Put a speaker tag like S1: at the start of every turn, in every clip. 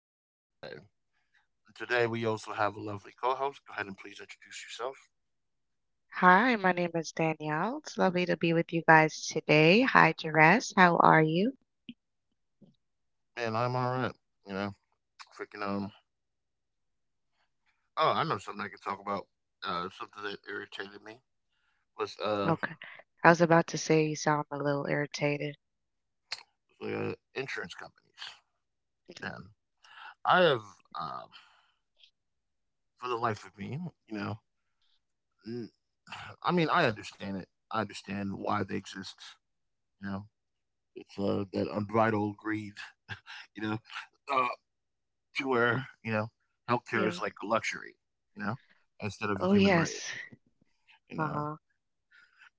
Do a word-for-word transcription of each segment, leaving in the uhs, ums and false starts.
S1: be your host today. And today, we also have a lovely co-host. Go ahead and please introduce yourself.
S2: Hi, my name is Danielle. It's lovely to be with you guys today. Hi, Jerez. How are you?
S1: Man, I'm all right. You know, freaking um. Oh, I know something I can talk about. Uh, something that irritated me was uh,
S2: Okay. I was about to say you sound a little irritated.
S1: the insurance companies. Man, I have um, for the life of me, you know, n- I mean, I understand it. I understand why they exist. You know, it's uh that unbridled greed. You know, Uh, to where you know healthcare
S2: Yeah.
S1: is like a luxury, you know, instead of
S2: Oh,
S1: a human right.
S2: yes.
S1: You know,
S2: Uh-huh.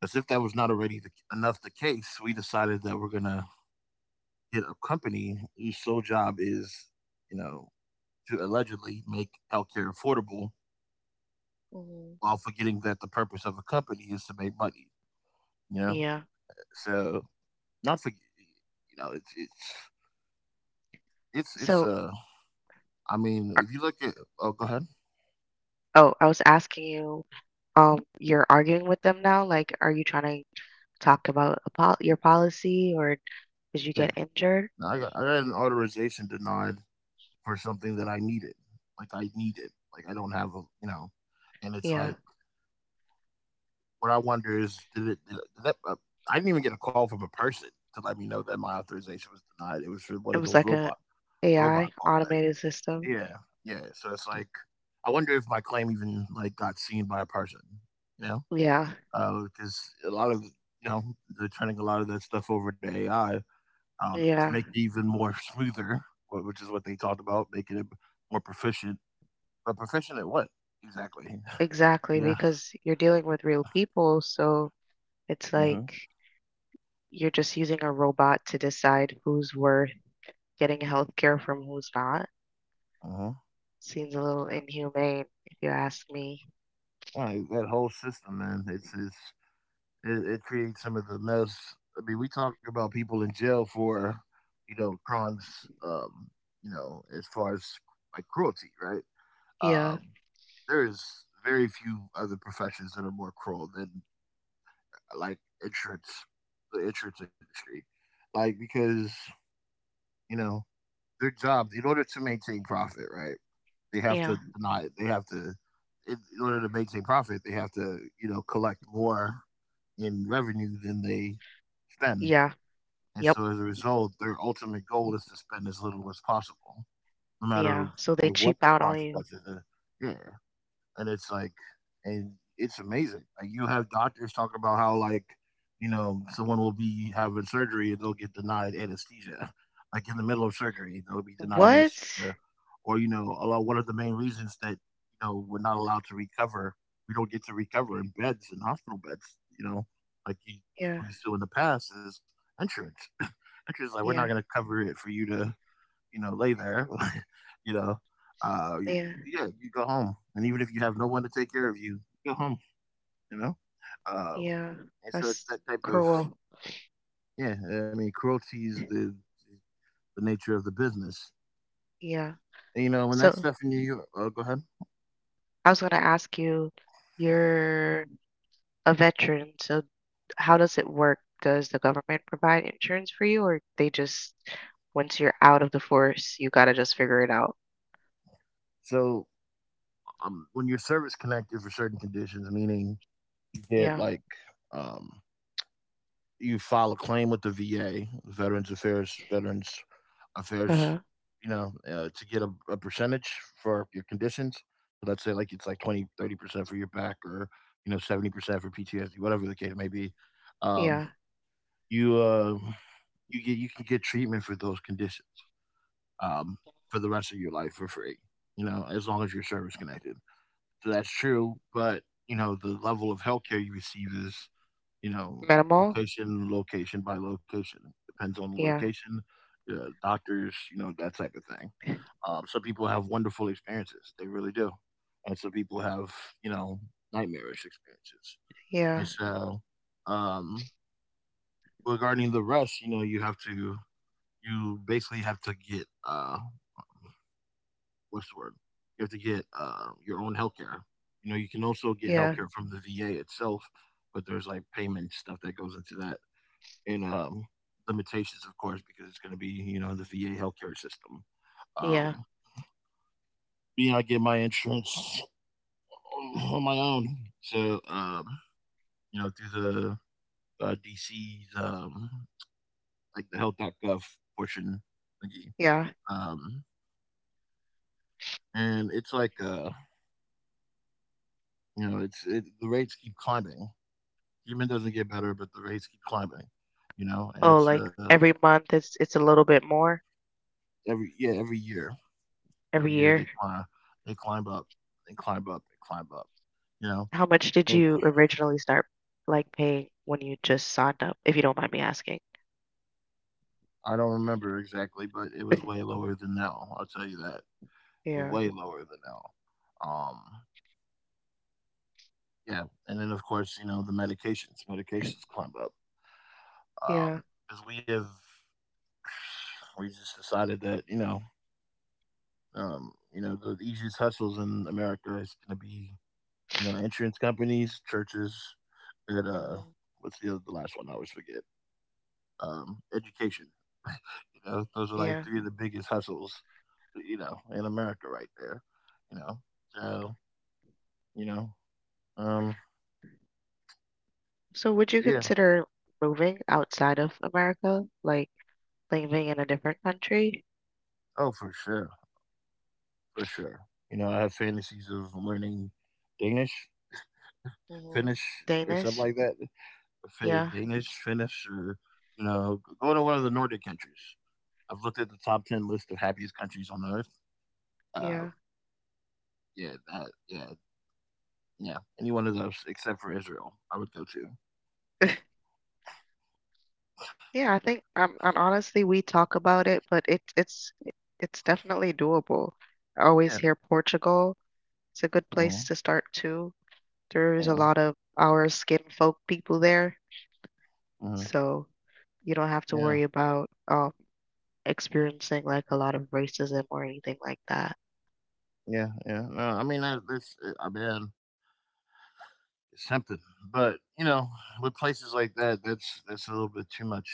S1: as if that was not already the, enough the case, we decided that we're gonna get a company whose sole job is, you know, to allegedly make healthcare affordable,
S2: Hmm.
S1: while forgetting that the purpose of a company is to make money. You know,
S2: Yeah.
S1: so not for you know it's it's it's it's
S2: So,
S1: uh I mean
S2: ar-
S1: if you look at oh go ahead
S2: oh, I was asking you, um, you're arguing with them now? Like, are you trying to talk about a pol your policy or did you
S1: yeah
S2: get injured?
S1: no, I got I got an authorization denied for something that I needed. Like I need it. Like I don't have a you know, and it's
S2: Yeah.
S1: like what I wonder is did it? Did, it did that, uh, I didn't even get a call from a person to let me know that my authorization was denied. It was for one
S2: It
S1: of
S2: was
S1: those
S2: like a
S1: robot robot
S2: AI
S1: calls. Like,
S2: automated system.
S1: yeah, yeah. So it's like I wonder if my claim even like got seen by a person. You
S2: Yeah.
S1: know, because a lot of you know they're turning a lot of that stuff over to A I um, to
S2: Yeah.
S1: make it even more smoother, wh- which is what they talked about, making it more proficient. But proficient at what exactly?
S2: Exactly,
S1: You know?
S2: because you're dealing with real people, so it's
S1: Mhm.
S2: like you're just using a robot to decide who's worth getting healthcare from who's not.
S1: Mhm.
S2: Seems a little
S1: Yeah.
S2: inhumane, if you ask me.
S1: Right, that whole system, man, it's it's it, it creates some of the most, I mean, we talk about people in jail for, you know, crimes, um, you know, as far as like cruelty, right?
S2: Yeah,
S1: Um, there is very few other professions that are more cruel than like insurance, the insurance industry, like because you know their job in order to maintain profit, right? They have to
S2: yeah.
S1: deny it. They have to, in, in order to maintain profit, they have to, you know, collect more in revenue than they spend.
S2: Yeah,
S1: And
S2: yep,
S1: so as a result, their ultimate goal is to spend as little as possible, no matter
S2: yeah. So they
S1: like what
S2: cheap
S1: the
S2: out on you.
S1: consequences are. Yeah, and it's like, and it's amazing, like you have doctors talking about how like you know someone will be having surgery and they'll get denied anesthesia like in the middle of surgery they'll be denied
S2: What?
S1: anesthesia. Or you know a lot, one of the main reasons that you know we're not allowed to recover, we don't get to recover in beds, in hospital beds, you know, like you,
S2: Yeah,
S1: people used to in the past, is insurance. Insurance like, we're not
S2: yeah,
S1: going to cover it for you to you know, lay there, you know, uh,
S2: yeah,
S1: yeah, you go home. And even if you have no one to take care of you, go home, you know? Um,
S2: yeah.
S1: and so it's
S2: That's
S1: that type of,
S2: cruel.
S1: yeah, I mean, cruelty is the, the nature of the business.
S2: Yeah.
S1: And, you know, when that
S2: So
S1: stuff in you, uh, go ahead.
S2: I was gonna ask you, your a veteran, so how does it work? Does the government provide insurance for you, or they just once you're out of the force, you gotta just figure it out?
S1: So um, when you're service connected for certain conditions, meaning you get
S2: Yeah.
S1: like, um, you file a claim with the V A, Veterans Affairs, Veterans, if there's
S2: Uh-huh.
S1: you know uh, to get a, a percentage for your conditions. So let's say like it's like twenty, thirty percent for your back, or you know seventy percent for P T S D, whatever the case may be. um,
S2: Yeah.
S1: you uh, you get, you can get treatment for those conditions, um, for the rest of your life for free, you know, as long as you're service connected. So that's true, but you know the level of healthcare you receive is, you know,
S2: Minimal?
S1: location location by location, depends on the
S2: Yeah.
S1: location. Uh, doctors, you know, that type of thing. Um, some people have wonderful experiences, they really do, and some people have, you know, nightmarish experiences. And
S2: Yeah.
S1: so, um, regarding the rest, you know, you have to, you basically have to get uh, what's the word? You have to get uh, your own healthcare. You know, you can also get
S2: Yeah.
S1: healthcare from the V A itself, but there's like payment stuff that goes into that, and um, limitations, of course, because it's going to be you know the V A healthcare system. Um,
S2: Yeah.
S1: Me, I get my insurance on, on my own. So, um, you know, through the uh, D C's um, like the health dot gov portion thingy,
S2: Yeah.
S1: um, and it's like uh, you know, it's it, the rates keep climbing. Human doesn't get better, but the rates keep climbing. You know, and
S2: Oh,
S1: it's
S2: like
S1: uh
S2: every month it's it's a little bit more
S1: every yeah every year,
S2: every
S1: every year
S2: year.
S1: they climb, they climb up, they climb up, they climb up. You know,
S2: How much did
S1: and
S2: you originally start like paying when you just signed up, if you don't mind me asking?
S1: I don't remember exactly, but it was way lower than now. I'll tell you that,
S2: Yeah.
S1: way lower than now. Um, Yeah, and then of course, you know, the medications. Medications climb up.
S2: Yeah.
S1: Because we have, we just decided that, you know, um, you know, the easiest hustles in America is gonna be, you know, insurance companies, churches, and uh
S2: Mhm.
S1: what's the other, the last one I always forget? Um, education. You know, those are like
S2: Yeah.
S1: three of the biggest hustles, you know, in America right there. You know. So, you know, um
S2: So would you
S1: yeah.
S2: consider moving outside of America, like living in a different country?
S1: Oh for sure. For sure. You know, I have fantasies of learning Danish,
S2: Hmm.
S1: Finnish or something
S2: Danish?
S1: like that. Fin-
S2: Yeah,
S1: Danish, Finnish, or you know, go to one of the Nordic countries. I've looked at the top ten list of happiest countries on earth. Uh,
S2: yeah.
S1: yeah, that, yeah, yeah. Any one of those except for Israel, I would go to.
S2: Yeah, I think um and honestly we talk about it, but it it's it's definitely doable. I always
S1: Yeah.
S2: hear Portugal. It's a good
S1: Uh,
S2: place to start too. There's a
S1: uh,
S2: lot of our skin folk people there,
S1: uh,
S2: so you don't have to
S1: yeah.
S2: worry about um experiencing like a lot of racism or anything like that.
S1: Yeah. Yeah. No, I mean, I, that's uh, I mean, it's something, but you know, with places like that, that's that's a little bit too much.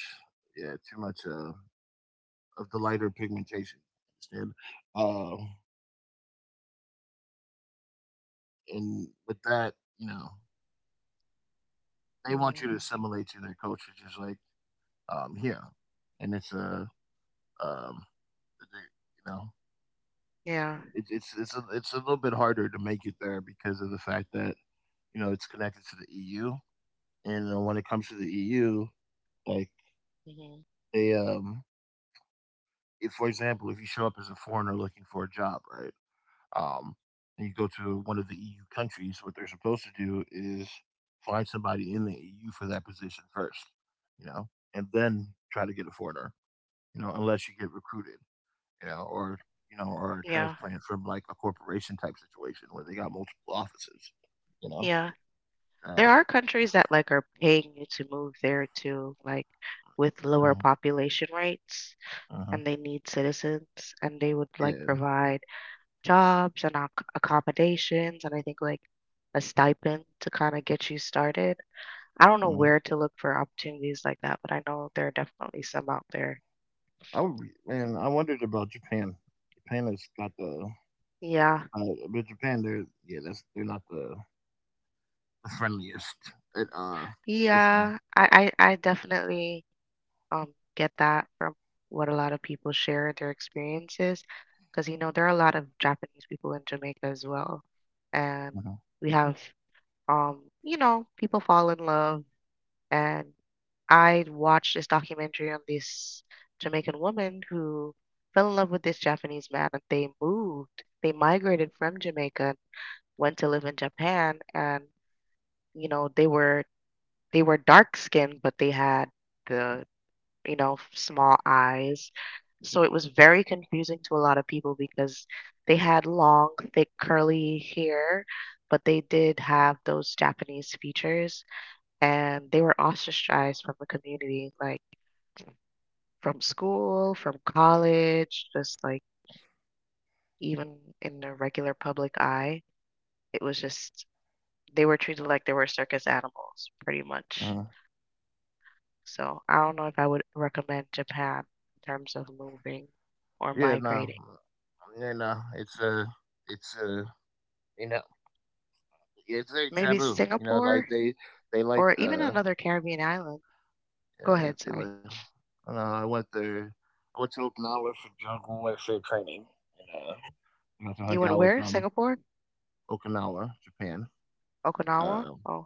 S1: Yeah, too much uh, of the lighter pigmentation. Understand? Uh, and with that, you know, they want you
S2: Hmm.
S1: to assimilate to their culture, just like um here. And it's a um, you know,
S2: Yeah,
S1: it, it's it's a, it's a little bit harder to make it there because of the fact that you know it's connected to the E U. And uh, when it comes to the E U, like
S2: hmm,
S1: they um, if for example, if you show up as a foreigner looking for a job, right? Um, and you go to one of the E U countries, what they're supposed to do is find somebody in the E U for that position first, you know, and then try to get a foreigner, you know, unless you get recruited, you know, or you know, or a
S2: yeah.
S1: transplant from like a corporation type situation where they got multiple offices, you know.
S2: Yeah. There
S1: Uh,
S2: are countries that like are paying you to move there too, like with lower
S1: uh,
S2: population rates,
S1: uh
S2: and they need citizens, and they would like
S1: yeah,
S2: provide jobs and ac accommodations, and I think like a stipend to kind of get you started. I don't know
S1: uh,
S2: where to look for opportunities like that, but I know there are definitely some out there.
S1: I would. Be, man, I wondered about Japan. Japan has got the,
S2: Yeah.
S1: uh, but Japan, they're yeah, that's they're not the, the friendliest. It uh, it's
S2: Yeah. I I, I definitely um, get that from what a lot of people share their experiences, because you know there are a lot of Japanese people in Jamaica as well, and
S1: Mhm.
S2: we have um, you know people fall in love, and I watched this documentary on this Jamaican woman who fell in love with this Japanese man, and they moved, they migrated from Jamaica, went to live in Japan, and you know they were they were dark skinned, but they had the you know, f- small eyes. So it was very confusing to a lot of people because they had long, thick, curly hair, but they did have those Japanese features and they were ostracized from the community, like from school, from college, just like even in the regular public eye. It was just, they were treated like they were circus animals, pretty much.
S1: Mhm.
S2: So I don't know if I would recommend Japan in terms of moving or
S1: Yeah, no,
S2: migrating.
S1: you know, it's uh it's uh you know, yeah, it's very
S2: Maybe
S1: taboo. You know, like
S2: Singapore
S1: they they like
S2: or even
S1: the,
S2: another Caribbean island.
S1: yeah,
S2: Go
S1: they,
S2: ahead,
S1: they
S2: sorry.
S1: like, I don't know, I went there, I went to Okinawa for jungle warfare training. And, uh, you know, so I hung
S2: You
S1: out
S2: went
S1: with
S2: where?
S1: um
S2: Singapore?
S1: Okinawa, Japan.
S2: Okinawa?
S1: Um,
S2: Oh,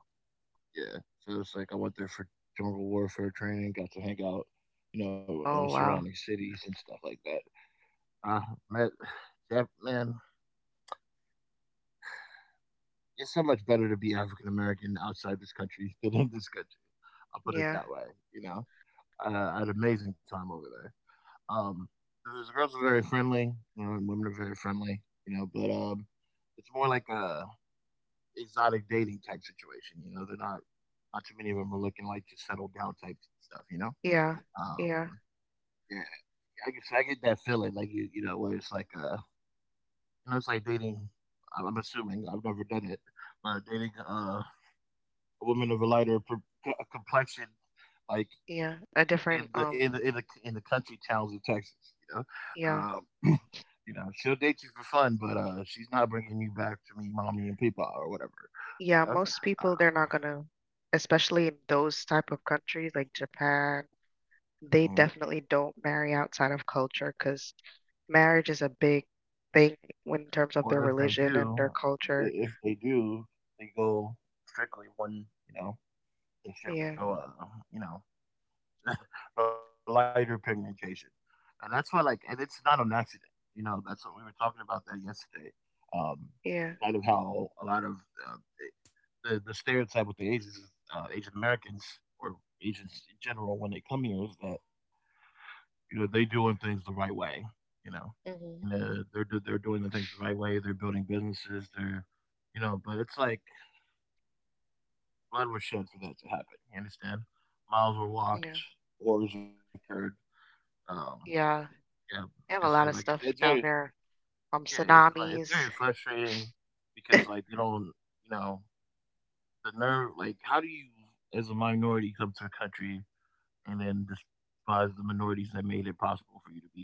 S1: yeah, so it's like I went there for jungle warfare training, got to hang out, you know, in the
S2: oh wow.
S1: surrounding cities and stuff like that. Uh, Met Jap- man, it's so much better to be African American outside this country than in this country. I'll put it
S2: Yeah,
S1: that way. You know, uh, I had an amazing time over there. Um, the girls are very friendly, you know, and women are very friendly, you know, but um, it's more like a exotic dating type situation. You know, they're not, not too many of them are looking like to settle down type stuff. You know,
S2: yeah,
S1: um,
S2: yeah,
S1: yeah, I guess I get that feeling like you you know where it's like uh, you know, it's like dating. I'm assuming I've never done it, but dating uh women of a lighter pr- complexion, like
S2: yeah. A
S1: in
S2: different,
S1: the
S2: um,
S1: in the in the, in the country towns of Texas. You know,
S2: yeah,
S1: um, you know, she'll date you for fun, but uh, she's not bringing you back to me, mommy and papa or whatever.
S2: yeah.
S1: You know,
S2: Most
S1: um,
S2: people, they're not gonna, especially in those type of countries like Japan, they
S1: mm-hmm.
S2: definitely don't marry outside of culture because marriage is a big thing in terms of their
S1: Or if they
S2: religion and their
S1: do,
S2: culture.
S1: if they do, they go strictly one. You know, they strictly
S2: Yeah,
S1: go. Uh, you know, for lighter pigmentation. And that's why, like, and it's not an accident. You know, that's what we were talking about that yesterday. Um,
S2: yeah,
S1: Kind of how a lot of uh, the, the stereotype with the Asians, uh, Asian Americans or Asians in general when they come here is that, you know, they doing things the right way, you know,
S2: hmm,
S1: and uh, they're, they're doing the things the right way. They're building businesses. They're, you know, but it's like blood was shed for that to happen. You understand? Miles were walked,
S2: yeah,
S1: wars occurred, um,
S2: yeah.
S1: yeah, like I
S2: They
S1: said,
S2: have a
S1: like,
S2: lot
S1: it's
S2: of
S1: it's
S2: stuff
S1: very
S2: down there
S1: yeah,
S2: um,
S1: it's, like, it's very
S2: tsunamis.
S1: frustrating because, like, you don't you know, the nerve like, how do you, as a minority, come to a country and then despise the minorities that made it possible for you to be here,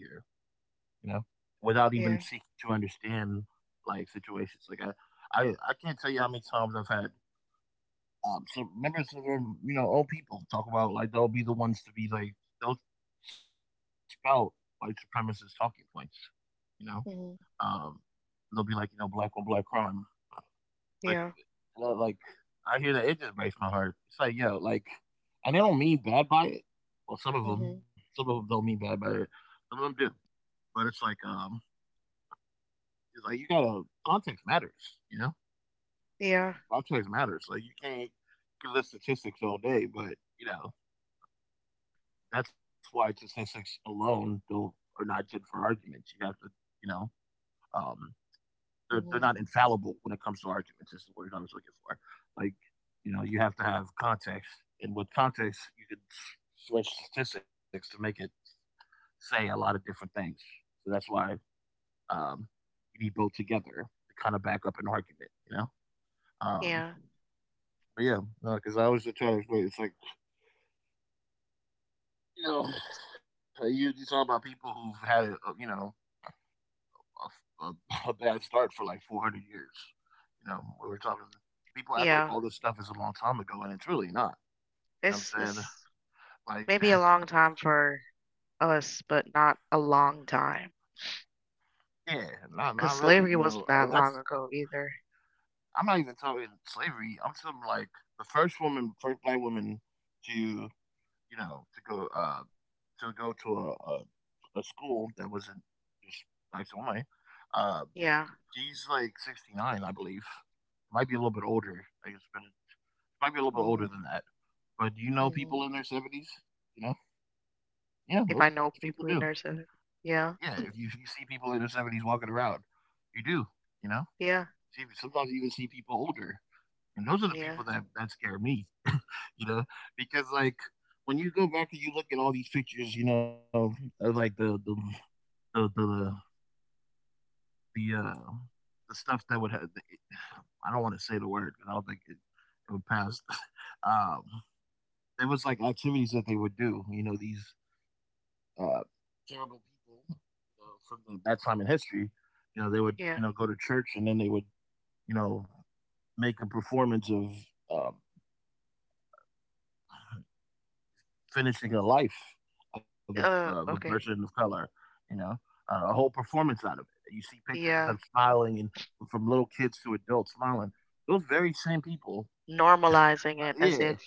S1: you know, without even
S2: Yeah.
S1: seeking to understand, like, situations, like, I I I can't tell you how many times I've had, um, some members of them, you know, old people talk about, like, they'll be the ones to be, like, they'll spout white supremacist talking points, you know?
S2: Hmm.
S1: Um, they'll be like, you know, black on black crime.
S2: Yeah.
S1: Like, you know, like I hear that it just breaks my heart. It's like, yo, like, and they don't mean bad by it. Well, some
S2: Hmm.
S1: of them, some of them don't mean bad by it. Some of them do, but it's like, um, it's like you gotta context matters. You know,
S2: Yeah.
S1: context matters. Like you can't give us statistics all day, but you know that's why statistics alone don't, are not good for arguments. You have to, you know, um, they're, they're
S2: Hmm.
S1: not infallible when it comes to arguments is the word I was looking for like you know you have to have context, and with context you can switch statistics to make it say a lot of different things. So that's why, um, you need both together to kind of back up an argument, you know um,
S2: Yeah.
S1: but yeah no because no, I always try to explain it's like you know you, you talk about people who've had a, you know a, a, a bad start for like four hundred years. You know, we were talking. People
S2: Yeah.
S1: act like all this stuff is a long time ago, and it's really not.
S2: It's
S1: You know what
S2: it's
S1: I'm saying?
S2: maybe a
S1: Like,
S2: long time for us, but not a long time,
S1: yeah, not not really.
S2: cause
S1: You know,
S2: slavery
S1: uh,
S2: wasn't
S1: that's
S2: that long ago either.
S1: I'm not even talking slavery. I'm talking like the first woman, first black woman to you know to go uh to go to a a, a school that wasn't just blacks only. Uh,
S2: Yeah.
S1: she's like sixty-nine, I believe. Might be a little bit older. I guess, but it might be a little bit older than that. But do you know
S2: Mm-hmm.
S1: people in their seventies? You know, yeah,
S2: If
S1: most
S2: I know
S1: people do.
S2: people in nursing.
S1: Yeah,
S2: Yeah.
S1: if you, if you see people in their seventies walking around, you do, you know.
S2: Yeah.
S1: See, sometimes you even see people older, and those are the
S2: Yeah.
S1: people that that scare me, you know, because like when you go back and you look at all these pictures, you know, of like the the the the, the uh the stuff that would have, I don't want to say the word because I don't think it, it would pass. um, there was like activities that they would do, you know, these uh, terrible people you know, from the, that time in history. You know, they would you know
S2: Yeah.
S1: go to church and then they would you know make a performance of, um, finishing a life of a of a
S2: Uh,
S1: person of
S2: okay.
S1: color. You know, uh, a whole performance out of it. You see pictures of them
S2: Yeah.
S1: smiling and from little kids to adults smiling. Those very same people.
S2: Normalizing
S1: uh,
S2: it as
S1: Yeah,
S2: if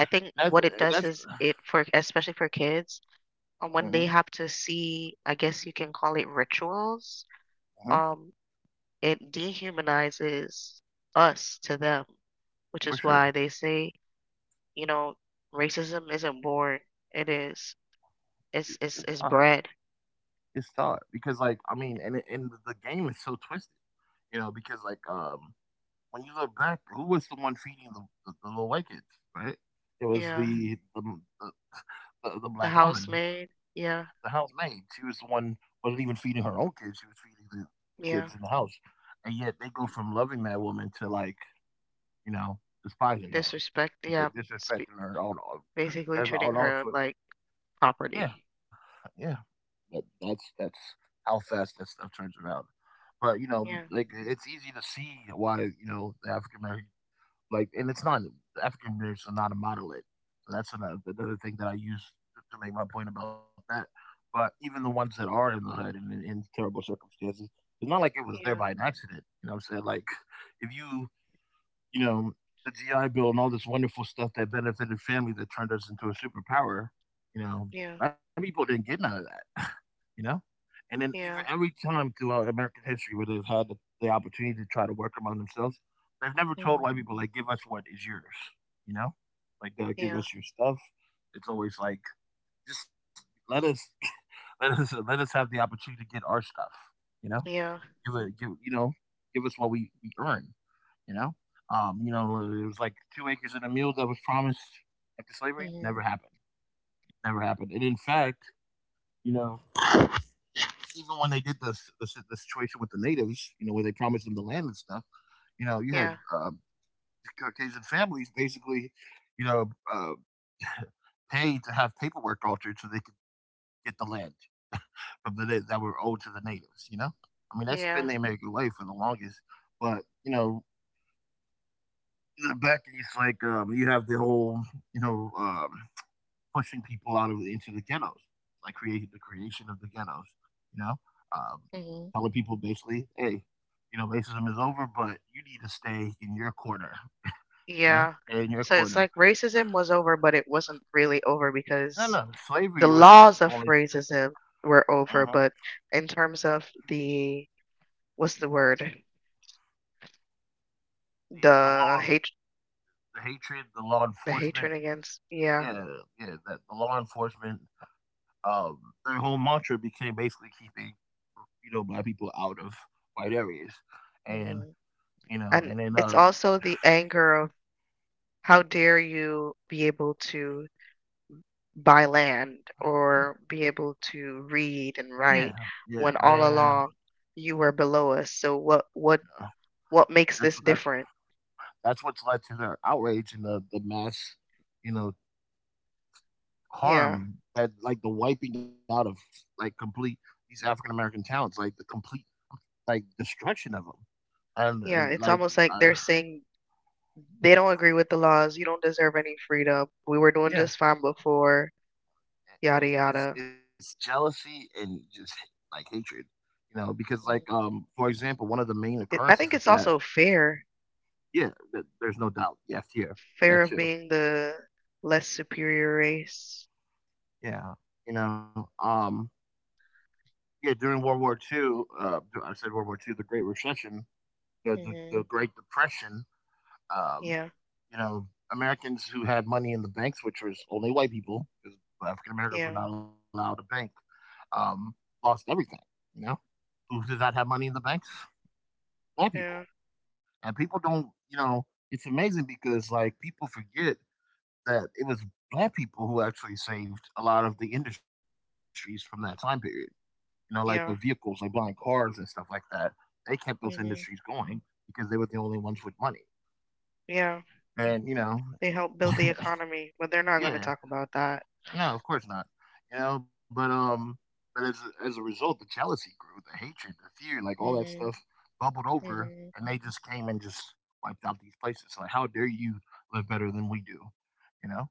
S2: I think
S1: that's
S2: what it does
S1: that's
S2: is it for especially for kids, uh,
S1: mhm,
S2: when they have to see, I guess you can call it rituals,
S1: mhm,
S2: um, it dehumanizes us to them, which
S1: for
S2: is
S1: sure.
S2: why they say, you know, racism isn't born. It is.
S1: It-
S2: It's
S1: it's
S2: it's
S1: taught.
S2: it's bred.
S1: It's taught because like I mean, and and the game is so twisted. You know, because like um, when you look back, who was the one feeding the, the, the little white kids, right? It was
S2: Yeah.
S1: the the, the the the
S2: The
S1: black woman,
S2: housemaid.
S1: the
S2: Yeah.
S1: housemaid. She was the one wasn't even feeding her own kids. She was feeding the, the kids
S2: Yeah.
S1: in the house, and yet they go from loving that woman to like you know despising her,
S2: Disrespect. Yeah.
S1: but
S2: Sp-
S1: disrespecting her on all.
S2: basically
S1: There's
S2: treating
S1: on all
S2: her
S1: foot.
S2: like
S1: Yeah,
S2: property.
S1: yeah. But that's that's how fast that stuff turns around. But you know,
S2: Yeah.
S1: like it's easy to see why you know the African American. Like, and it's not African beers are not a monolith. So that's another, another thing that I use to, to make my point about that. But even the ones that are in the hood and in, in terrible circumstances, it's not like it was there
S2: Yeah.
S1: by an accident. You know what I'm saying? Like, if you you know, the G I Bill and all this wonderful stuff that benefited families that turned us into a superpower, you know,
S2: Yeah.
S1: a lot of people didn't get none of that, you know? And then even
S2: Yeah.
S1: every time throughout American history where they've had the, the opportunity to try to work among themselves, they've never told
S2: Hmm.
S1: white people, like, give us what is yours, you know? Like, they'll give
S2: Yeah.
S1: us your stuff. It's always like, just let us, let us, let us have the opportunity to get our stuff, you know?
S2: Yeah.
S1: Give a give you know give us what we we earn. You know, um, you know, it was like two acres and a mule that was promised after slavery.
S2: Hmm.
S1: Never happened. Never happened. And in fact, you know, even when they did this this, this situation with the natives, you know, where they promised them the land and stuff, you know, you had
S2: Yeah.
S1: uh, Caucasian families basically, you know, uh, paid to have paperwork altered so they could get the land from the that were owed to the natives. You know, I mean, that's been the
S2: Yeah.
S1: American way for the longest, but you know, uh, back it's like um you have the whole you know um pushing people out of into the ghettos like creating the creation of the ghettos, you know um
S2: Hmm.
S1: telling people basically hey you know racism is over but you need to stay in your corner, you know
S2: Yeah.
S1: stay in your
S2: So it's
S1: corner.
S2: like racism was over, but it wasn't really over
S1: no
S2: because
S1: no
S2: the
S1: slavery was the
S2: laws
S1: only
S2: of racism were
S1: uh the,
S2: over, but in terms of the what's the word?
S1: the
S2: The
S1: law
S2: hate
S1: the hatred the law
S2: the
S1: enforcement
S2: hatred against, yeah.
S1: yeah yeah that the law enforcement, um their whole mantra became basically keeping, you know, black people out of white areas. And,
S2: Hmm.
S1: you know,
S2: And
S1: and then,
S2: it's
S1: uh,
S2: also the anger of how dare you be able to buy land or be able to read and
S1: yeah,
S2: write
S1: yeah,
S2: when all
S1: man,
S2: along you were below us. So what what
S1: uh,
S2: what makes
S1: that's what,
S2: this
S1: that's,
S2: different?
S1: that's what's led to the outrage and the, the mass, you know,
S2: Yeah.
S1: harm that like the wiping out of like complete these African American towns, like the complete like destruction of them. And, and
S2: Yeah, it's
S1: like,
S2: almost
S1: uh,
S2: like they're saying they don't agree with the laws. You don't deserve any freedom. We were doing
S1: yeah,
S2: just fine before, yada
S1: it's, it's,
S2: yada.
S1: it's jealousy and just like hatred, you know, because like,
S2: Mhm.
S1: um, for example, one of the main
S2: It, I
S1: occurrences of
S2: think it's
S1: that
S2: also fair,
S1: yeah, th there's no doubt. Yes, here. That
S2: fair of
S1: too.
S2: being the less superior race.
S1: Yeah, you know, um, yeah, during World War two, uh, d I said World War two, the Great Recession, the the
S2: Hmm.
S1: the Great Depression, um,
S2: Yeah,
S1: you know, Americans who had money in the banks, which was only white people, because African Americans were
S2: yeah,
S1: not allowed to bank, um, lost everything, you know? Who did not have money in the banks? White people.
S2: yeah,
S1: And people don't, you know, it's amazing because, like, people forget that it was black people who actually saved a lot of the industries from that time period. You know, like the vehicles, like
S2: yeah,
S1: buying cars and stuff like that. They kept those industries
S2: hmm,
S1: going because they were the only ones with money.
S2: yeah.
S1: And you know,
S2: They help build the economy, but they're not going to
S1: yeah,
S2: talk about that.
S1: no, of course not. You know, but um, but as a- as a result, the jealousy grew, the hatred, the fear, like all that stuff
S2: Hmm.
S1: bubbled over,
S2: Hmm.
S1: and they just came and just wiped out these places. Like, how dare you live better than we do? You know,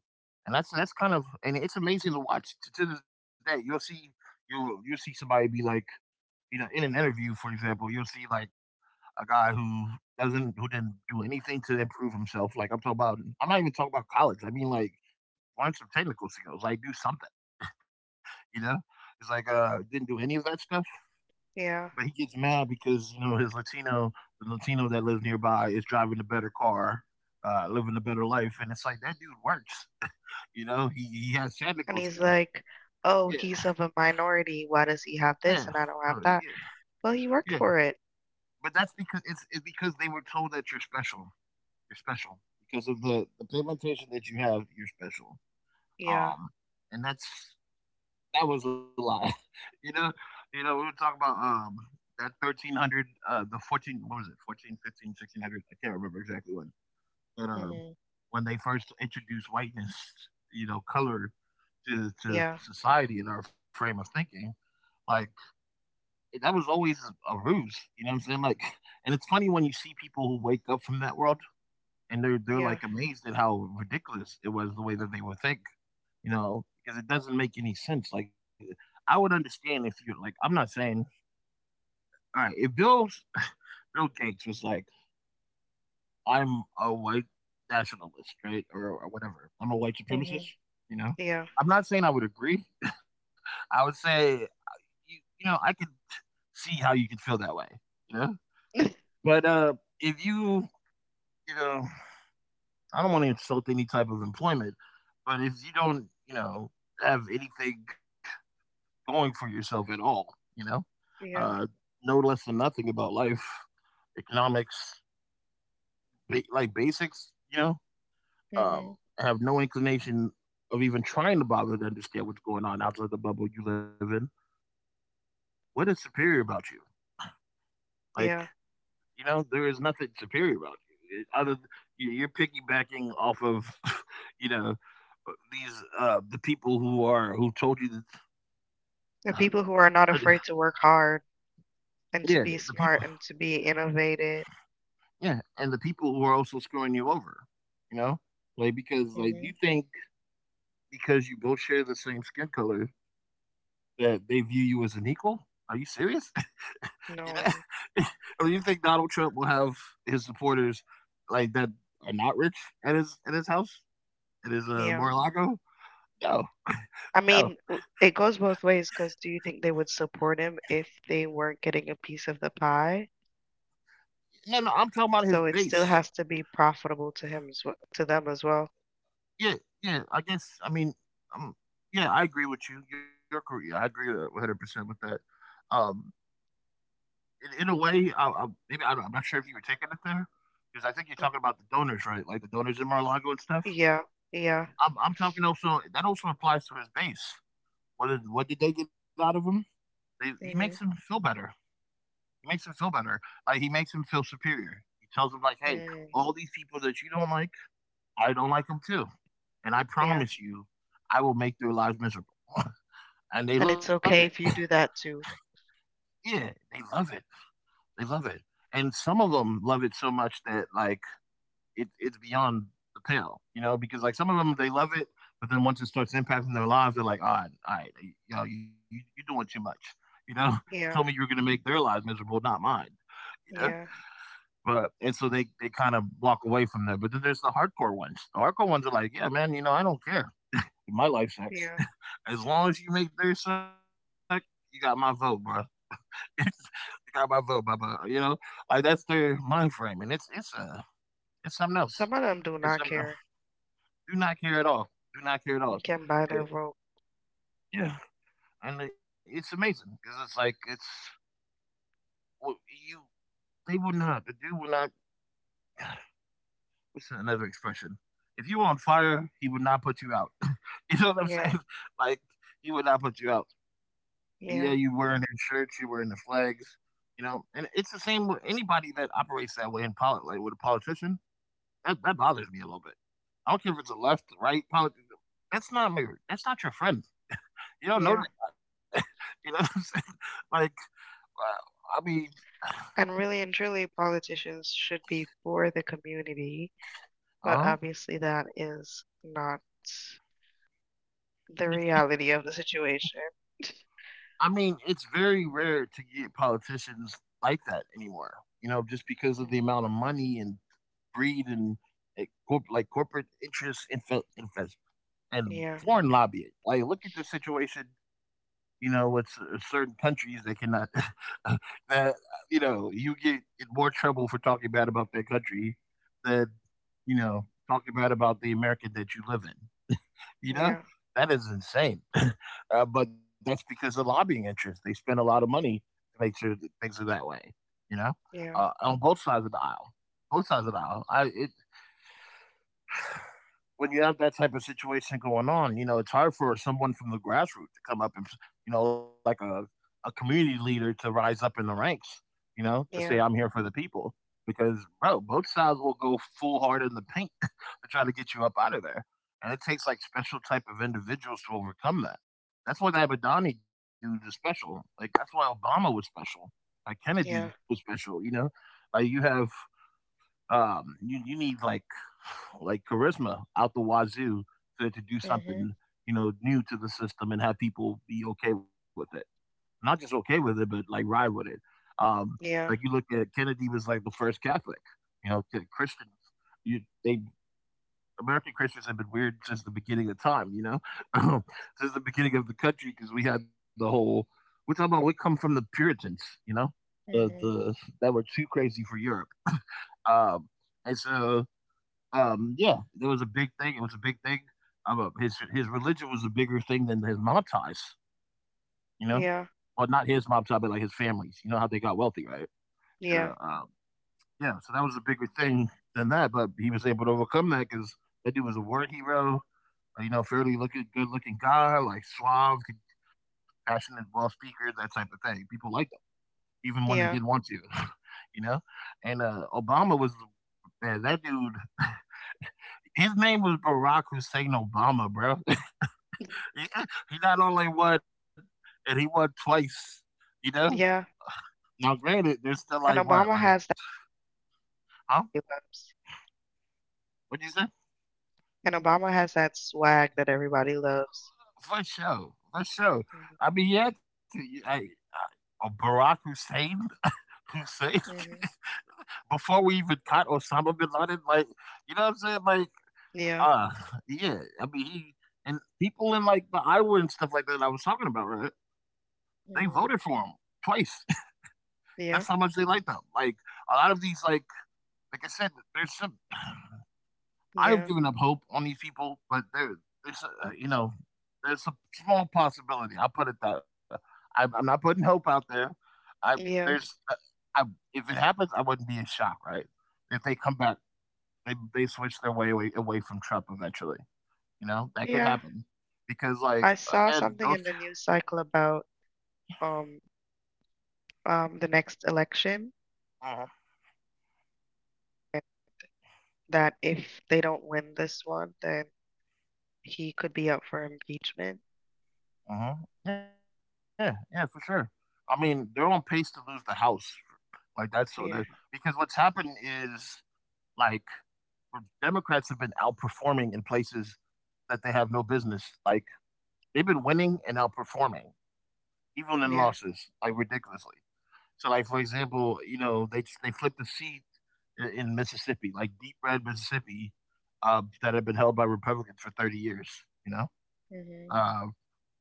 S1: and that's that's kind of and it's amazing to watch to, to this day. You'll see you you'll see somebody be like you know in an interview, for example, you'll see like a guy who doesn't who didn't do anything to improve himself. Like I'm talking about, I'm not even talking about college. I mean like learn some technical skills, like do something you know? It's like, uh, didn't do any of that stuff, but he
S2: Yeah,
S1: gets mad because, you know, his Latino the Latino that lives nearby is driving a better car, uh, living a better life, and it's like, that dude works. You know? He he has
S2: and
S1: technical
S2: he's
S1: skills.
S2: like, "Oh,
S1: Yeah.
S2: he's of a minority. Why does he have
S1: Yeah.
S2: this and I
S1: Uh,
S2: don't have
S1: yeah,
S2: that?" Well, he
S1: yeah,
S2: worked for it.
S1: but that's because it's, it's because they were told that you're special. You're special because of the the pigmentation that you have. You're special.
S2: Yeah.
S1: Um, and that's that was a lot. You know, you know, we were talking about um that thirteen hundred, uh, the fourteen, what was it, fourteen, fifteen, sixteen hundred? I can't remember exactly when, but um,
S2: Mhm.
S1: when they first introduced whiteness, you know, color to to, to
S2: Yeah,
S1: society in our frame of thinking, like that was always a ruse. You know what I'm saying? Like, and it's funny when you see people who wake up from that world and they're they're
S2: yeah,
S1: like amazed at how ridiculous it was the way that they were think you know, Because it doesn't make any sense. Like, I would understand if you're like, I'm not saying, all right, if Bill's Bill Gates was like, I'm a white nationalist, right, or, or whatever, I'm a white supremacist,
S2: Mhm,
S1: you know,
S2: yeah,
S1: I'm not saying I would agree. I would say, you, you know, I could see how you could feel that way, you know. But uh, if you, you know, I don't want to insult any type of employment, but if you don't, you know, have anything going for yourself at all, you know, uh,
S2: yeah,
S1: know less than nothing about life, economics, ba- like basics, you know, um,
S2: Mhm,
S1: have no inclination of even trying to bother to understand what's going on outside the bubble you live in. What is superior about you? Like,
S2: yeah.
S1: you know, there is nothing superior about you. It- Other, th- you- you're piggybacking off of, you know, uh, these uh the people who are who told you that,
S2: The people who are not afraid to work hard
S1: yeah,
S2: and to
S1: the
S2: be
S1: people,
S2: smart and to be innovative.
S1: yeah, and the people who are also screwing you over, you know, like because like
S2: Mhm.
S1: you think because you both share the same skin color that they view you as an equal? Are you serious? you
S2: No,
S1: know, or you think Donald Trump will have his supporters like that are not rich at his at his house at his uh,
S2: yeah.
S1: Mar-a-Lago? No,
S2: I
S1: no,
S2: mean, w- it goes both ways because do you think they would support him if they weren't getting a piece of the pie?
S1: no, no. I'm talking about his
S2: So it
S1: base.
S2: still has to be profitable to him as well, to them as well.
S1: Yeah, yeah. I guess. I mean, um, yeah. I agree with you. You're correct. I agree one hundred percent with that. Um, in, in a way, I, I, maybe I, don't- I'm not sure if you were taking it there because I think you're
S2: Mm.
S1: talking about the donors, right? Like the donors in Mar-a-Lago and stuff.
S2: Yeah, yeah,
S1: I'm I'm talking also that also applies to his base. What is what did they get out of him? They, he makes him
S2: Mhm,
S1: feel better. He makes him feel better. Like he makes him feel superior. He tells him like, "Hey,
S2: mm,
S1: all these people that you don't like, I don't like them too, and I
S2: yeah.
S1: promise you, I will make their lives miserable." And they
S2: And
S1: love
S2: it's
S1: it.
S2: okay if you do that too.
S1: Yeah, they love it. They love it. And some of them love it so much that like it, it's beyond the pale, you know, because like some of them they love it, but then once it starts impacting their lives, they're like, all right, all right, you know, you, you're doing too much. You know, you told me you were
S2: Yeah,
S1: going to make their lives miserable, not mine. You know,
S2: yeah,
S1: but and so they they kind of walk away from there. But then there's the hardcore ones. The hardcore ones are like, yeah, man, you know, I don't care. My life
S2: yeah.
S1: sucks. As long as you make their suck, you got my vote, bro. You got my vote, blah blah. You know, like that's their mind frame, and it's it's uh it's something else.
S2: Some of them
S1: It's
S2: do
S1: something
S2: not
S1: else.
S2: care.
S1: Do not care at all. Do not care at all.
S2: You can buy
S1: And,
S2: their vote.
S1: yeah, and it's amazing because it's like it's well, you. They will not. The dude will not. What's another expression? If you were on fire, he would not put you out. You know what I'm
S2: Yeah,
S1: saying? Like he would not put you out. But yeah, you
S2: yeah,
S1: wearing their shirts, you wearing the flags, you know. And it's the same with anybody that operates that way in politics, like with a politician. That that bothers me a little bit. I don't care if it's a left, right politics. That's not my, That's not your friend. You don't know
S2: yeah.
S1: that guy. You know what I'm saying? Like, wow, I mean,
S2: And really and truly, politicians should be for the community, but
S1: huh?
S2: obviously that is not the
S1: it's
S2: reality
S1: the,
S2: of the situation.
S1: I mean, it's very rare to get politicians like that anymore. You know, just because of the
S2: Mhm.
S1: amount of money and greed and eh, corp- like corporate interests and fe- and fe- and
S2: Yeah,
S1: foreign lobbying. Like, look at the situation you know, with cer- certain countries they cannot. that you know, you get in more trouble for talking bad about their country than you know talking bad about the American that you live in. You know,
S2: yeah,
S1: that is insane. uh, but that's because of lobbying interests. They spend a lot of money to make sure that things are that way. You know,
S2: yeah,
S1: uh, on both sides of the aisle. Both sides of the aisle. I it, when you have that type of situation going on, you know, it's hard for someone from the grassroots to come up and, you know, like a, a community leader to rise up in the ranks, you know, to say, I'm
S2: yeah,
S1: here for the people. Because, bro, both sides will go full hard in the paint to try to get you up out of there. And it takes like special type of individuals to overcome that. That's why that Abadani dude is special. Like, that's why Obama was special. Like, Kennedy
S2: yeah,
S1: was special, you know? Like, you have um, you you need like like charisma out the wazoo to to do
S2: hmm,
S1: something you know new to the system and have people be okay with it. Not just okay with it, but like ride with it. Um, like you
S2: yeah,
S1: look at Kennedy was like the first Catholic. You know, K- Christians. You they American Christians have been weird since the beginning of time. You know, since the beginning of the country because we had the whole. We're talking about we come from the Puritans. You know, the
S2: hmm,
S1: the that were too crazy for Europe. Um, and so um, yeah, it was a big thing. It was a big thing. Um, uh, his his religion was a bigger thing than his mob ties. You know, well,
S2: yeah,
S1: not his mob tie, but like his family's. You know how they got wealthy, right? And uh,
S2: yeah,
S1: um, yeah, so that was a bigger thing than that. But he was able to overcome that because that dude was a word hero. uh, You know, fairly looking, good looking guy, like suave, passionate, well speaker, that type of thing. People liked him, even when they didn't
S2: yeah,
S1: want to. you know, and uh, Obama was man, that dude. His name was Barack Hussein Obama, bro. he, he not only won, and he won twice. You know.
S2: yeah.
S1: Now, granted, there's still like
S2: And
S1: what,
S2: Obama
S1: like,
S2: has that
S1: huh?
S2: he loves.
S1: What you say?
S2: And Obama has that swag that everybody loves.
S1: For sure, for sure.
S2: Hmm.
S1: I mean, yeah, to, I, I, uh, Barack Hussein, Hussein.
S2: Hmm.
S1: Before we even caught Osama bin Laden, like, you know what I'm saying? Like,
S2: Yeah.
S1: uh, yeah. I mean, he and people in like the Iowa and stuff like that. I was talking about, right? They voted for
S2: Hmm.
S1: him twice. That's how
S2: Yeah.
S1: much they like them. Like a lot of these, like like I said, there's some. I've
S2: Yeah,
S1: given up hope on these people, but there, there's uh, you know, there's a small possibility. I'll put it that. I'm, I'm not putting hope out there. I
S2: yeah,
S1: there's, uh, I If it happens, I wouldn't be in shock, right? If they come back, they they switch their way away, away from Trump eventually. You know that could
S2: yeah.
S1: happen because, like
S2: I saw
S1: again,
S2: something in
S1: those.
S2: the news cycle about, um um the next election,
S1: Uh-huh.
S2: eh, that if they don't win this one, then he could be up for impeachment.
S1: Hmm. Yeah, yeah, for sure. I mean, they're on pace to lose the house. Like that's what the because
S2: Yeah,
S1: what's happened is like Democrats have been outperforming in places that they have no business. Like they've been winning and outperforming, even in
S2: yeah,
S1: losses, like ridiculously. So, like for example, you know they they flipped the seat i- in Mississippi, like deep red Mississippi, uh, that had been held by Republicans for thirty years. You know,
S2: mhm,
S1: uh,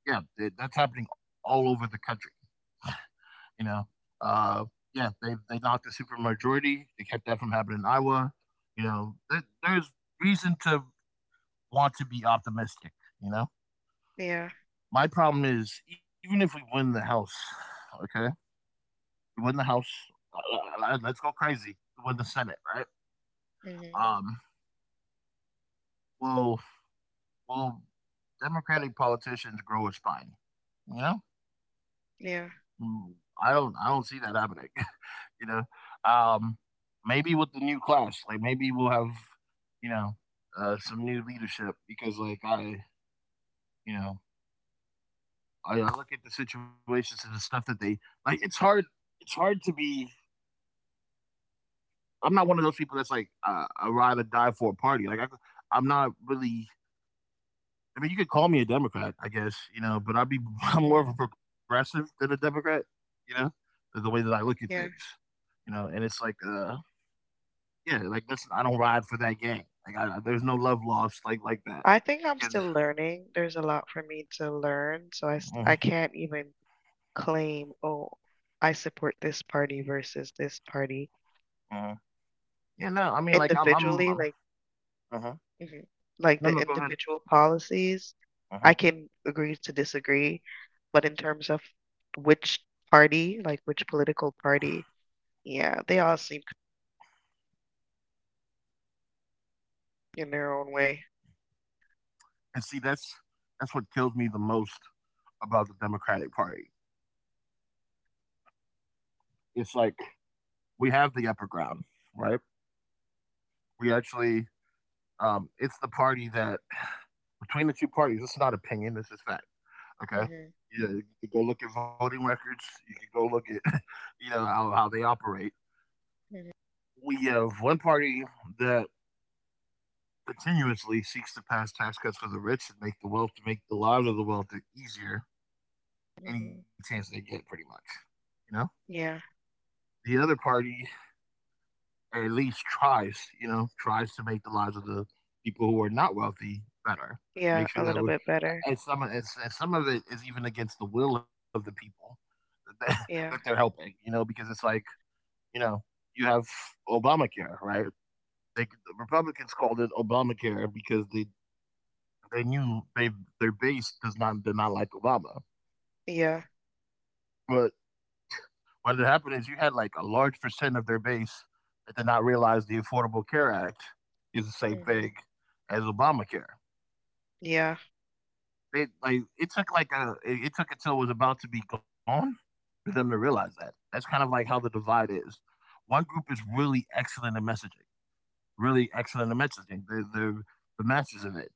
S1: yeah, th- that's happening all over the country. You know, uh, yeah, they they knocked a supermajority. They kept that from happening in Iowa. You know, there, there's reason to want to be optimistic. You know,
S2: yeah,
S1: my problem is even if we win the House, okay, we win the House. uh, uh, Let's go crazy. We win the Senate, right?
S2: mhm,
S1: Um, will will Democratic politicians grow a spine? You know,
S2: yeah,
S1: Mm, I don't I don't see that happening. You know. Um, maybe with the new class, like maybe we'll have, you know, uh, some new leadership because, like, I, you know, I, I look at the situations and the stuff that they like. It's hard. It's hard to be. I'm not one of those people that's like uh, a ride or die for a party. Like I, I'm not really. I mean, you could call me a Democrat, I guess, you know, but I'd be I'm more of
S2: mhm,
S1: a progressive than a Democrat, you know, the the way that I look at things,
S2: yeah.
S1: you know. And it's like, uh, yeah, like, listen, I don't ride for that game. Like, I, there's no love lost like like that.
S2: I think I'm
S1: Because,
S2: still learning. There's a lot for me to learn, so I s-
S1: Mhm,
S2: I can't even claim, oh, I support this party versus this party
S1: mhm. yeah, no, I mean, like, I'm, I'm,
S2: individually.
S1: I'm
S2: Like,
S1: uh
S2: Mhm. Like
S1: no,
S2: the
S1: no, go ahead.
S2: individual policies,
S1: uh
S2: I can agree to disagree, but in terms of which party, like which political party, yeah, they all seem c- in their own way.
S1: And see, that's that's what kills me the most about the Democratic Party. It's like we have the upper ground, right? We actually, um, it's the party that between the two parties, it's not opinion, this is fact. Okay.
S2: Mhm.
S1: Yeah, you could go look at voting records. You could go look at, you know, how, how they operate.
S2: Mhm.
S1: We have one party that continuously seeks to pass tax cuts for the rich and make the wealth to make the lives of the wealthy easier any
S2: Mhm.
S1: chance they get, pretty much. You know,
S2: Yeah,
S1: the other party at least tries, you know, tries to make the lives of the people who are not wealthy better.
S2: yeah,
S1: Make sure
S2: a
S1: that
S2: little
S1: we
S2: bit better.
S1: and some it's, and some of it is even against the will of the people that, that they're
S2: Yeah,
S1: helping, you know, because it's like, you know, you have Obamacare, right? They, the Republicans called it Obamacare because they They knew they their base does not did not like Obama.
S2: yeah,
S1: But what had happened is you had like a large percent of their base that did not realize the Affordable Care Act is the same
S2: Mhm,
S1: thing as Obamacare.
S2: yeah,
S1: They like it took like a it, it took until it was about to be gone for them to realize that. That's kind of like how the divide is. One group is really excellent at messaging, really excellent at messaging. They're they're the masters of it.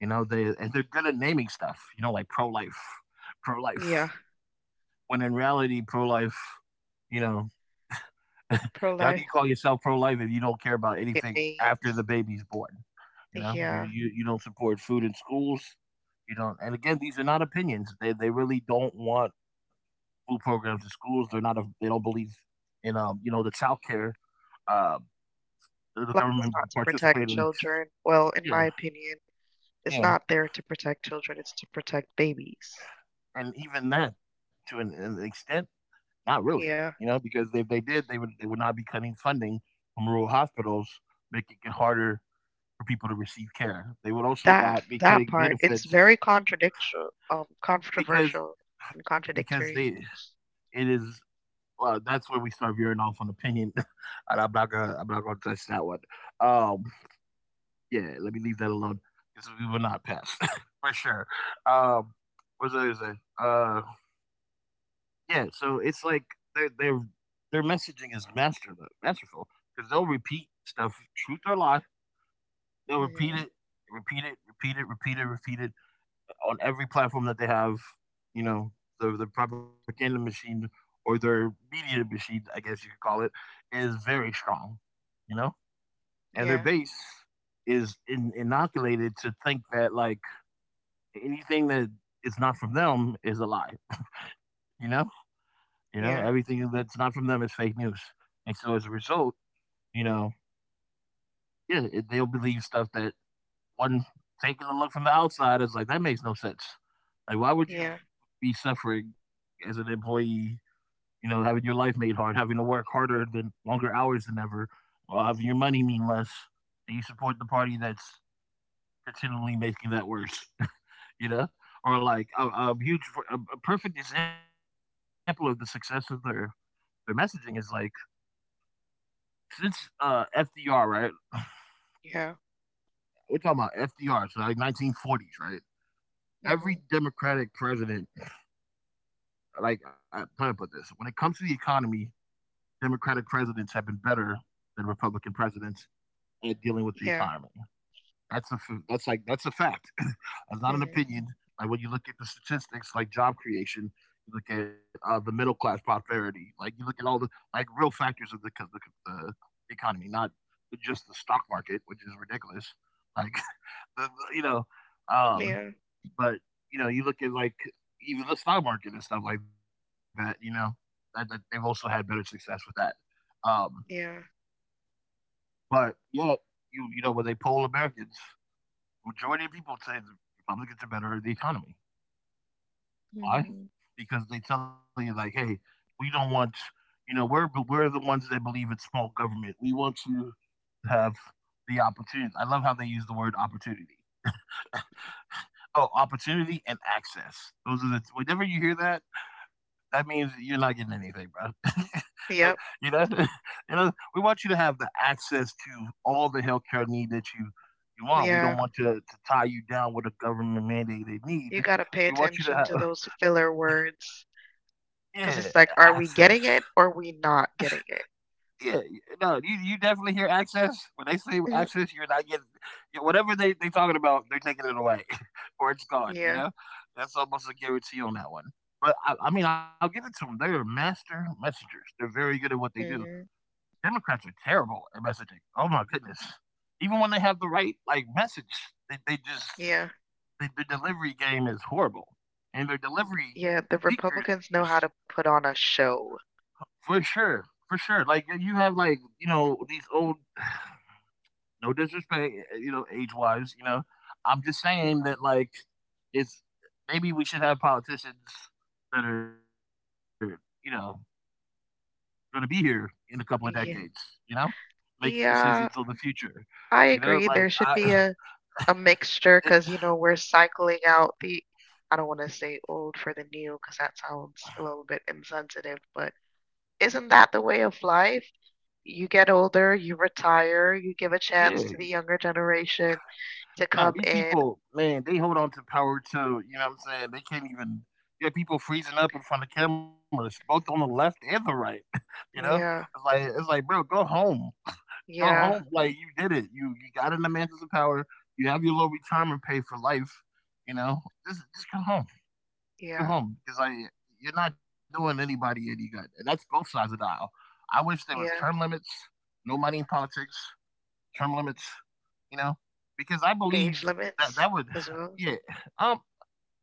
S1: You know, they and they're good at naming stuff. You know, like pro life, pro
S2: yeah.
S1: life. When in reality, pro life, you know, how do you
S2: Pro-life,
S1: call yourself pro life if you don't care about
S2: it
S1: anything after the
S2: means,
S1: baby's born? You know, you,
S2: yeah,
S1: you, you don't support food in schools. You don't, and again, these are not opinions. They, they really don't want food programs in schools. They're not, a, they don't believe in, um, you know, the child care, uh, the
S2: life is
S1: government
S2: not to
S1: participated
S2: protect
S1: in.
S2: children. Well, in
S1: Yeah,
S2: my opinion, it's
S1: yeah.
S2: not there to protect children, it's to protect babies.
S1: And even that, to an, an extent, not really, you
S2: Yeah.
S1: know, because if they did, they would they would not be cutting funding from rural hospitals, making it harder for people to receive care. They would also
S2: That
S1: not be
S2: that
S1: cutting
S2: part, it's
S1: benefits
S2: very contradictory, um,
S1: because
S2: controversial and
S1: because they
S2: contradictory.
S1: it is well that's where we start veering off on opinion, and I'm not gonna I'm not gonna touch that one. Um, yeah, let me leave that alone because we will not pass for sure. Um, what was I gonna say? Uh, Yeah, so it's like their their their messaging is master masterful because they'll repeat stuff, truth or lie. They'll repeat
S2: Mm-hmm.
S1: it, repeat it, repeat it, repeat it, repeat it on every platform that they have. You know, the the propaganda machine or their media machine, I guess you could call it, is very strong. You know, and their
S2: Yeah,
S1: base is in, inoculated to think that like anything that is not from them is a lie. You know. You know,
S2: yeah,
S1: everything that's not from them is fake news. And so as a result, you know, yeah, it, they'll believe stuff that one taking a look from the outside is like, that makes no sense. Like, why would you
S2: yeah,
S1: be suffering as an employee, you know, having your life made hard, having to work harder than longer hours than ever, or having your money mean less, and you support the party that's continually making that worse, you know? Or like a, a huge, a, a perfect example of the success of their, their messaging is like, since uh F D R, right?
S2: yeah,
S1: We're talking about F D R, so like nineteen forties, right? Every
S2: hmm,
S1: Democratic president, like I am trying to put this, when it comes to the economy, Democratic presidents have been better than Republican presidents at dealing with the
S2: yeah,
S1: economy. That's a that's like that's a fact. That's not an
S2: hmm,
S1: opinion. Like when you look at the statistics, like job creation, you look at uh, the middle class prosperity, like you look at all the like real factors of the the, the economy, not just the stock market, which is ridiculous. Like you know, um,
S2: yeah,
S1: but you know, you look at like even the stock market and stuff like that. You know, that, that they've also had better success with that. Um,
S2: yeah.
S1: but yet, you you know, when they poll Americans, majority of people say the Republicans are better at the economy. Why?
S2: Hmm.
S1: Because they tell you like, hey, we don't want, you know, we're we're the ones that believe in small government. We want to have the opportunity. I love how they use the word opportunity. Oh, opportunity and access. Those are the t- whenever you hear that, that means you're not getting anything, bro.
S2: Yep.
S1: you know, you know, we want you to have the access to all the healthcare need that you you want. We
S2: Yeah.
S1: don't want to, to tie you down with a government mandated need.
S2: You got to pay
S1: We want you to
S2: attention
S1: have
S2: to those filler words
S1: yeah
S2: because it's
S1: access.
S2: like, are we getting it or we not getting it?
S1: Yeah, no, you you definitely hear access. When they say access, you're
S2: Mm,
S1: not getting yeah, whatever they they talking about, they're taking it away or it's gone, you know?
S2: yeah.
S1: That's almost a guarantee on that one. But I I mean, I'll give it to them. 'Em. They're master messengers. They're very good at what they do.
S2: Hmm.
S1: Democrats are terrible at messaging. Oh my goodness. Even when they have the right, like, message, they they just
S2: Yeah.
S1: the the delivery game is horrible. And their delivery
S2: Yeah. The Republicans
S1: speakers
S2: know how to put on a show.
S1: for sure, for sure. Like, you have, like, you know, these old no disrespect, eh, eh, you know, age wise, you know. I'm just
S2: Mm.
S1: saying that like it's maybe we should have politicians that are, you know, gonna be here in a couple of decades, you
S2: Yeah.
S1: know? Making decisions on the
S2: Yeah.
S1: future. You know,
S2: I
S1: like I
S2: agree. There should be a a
S1: it's
S2: mixture because you know we're cycling out the I don't want to say old for the new because that sounds a little bit insensitive, but isn't that the way of life? You get older, you retire, you give a
S1: yeah.
S2: chance to the younger generation to
S1: Nah, these
S2: come in.
S1: people, man, they hold on to power too, you know what I'm saying? They can't even you have people freezing up in front of cameras, both on the left and the right. You know? It's
S2: Yeah,
S1: like it's like, bro, go home. Go home,
S2: yeah,
S1: like, you did it. You you got in the mansions of power. You have your little retirement pay for life. You know, just just go home, go
S2: yeah,
S1: home, because I like, you're not doing anybody any good, and that's both sides of the aisle. I wish there was term
S2: yeah.
S1: limits, no money in politics, term limits. You know, because I believe
S2: Age
S1: that
S2: limits
S1: that would,
S2: as well.
S1: yeah, um,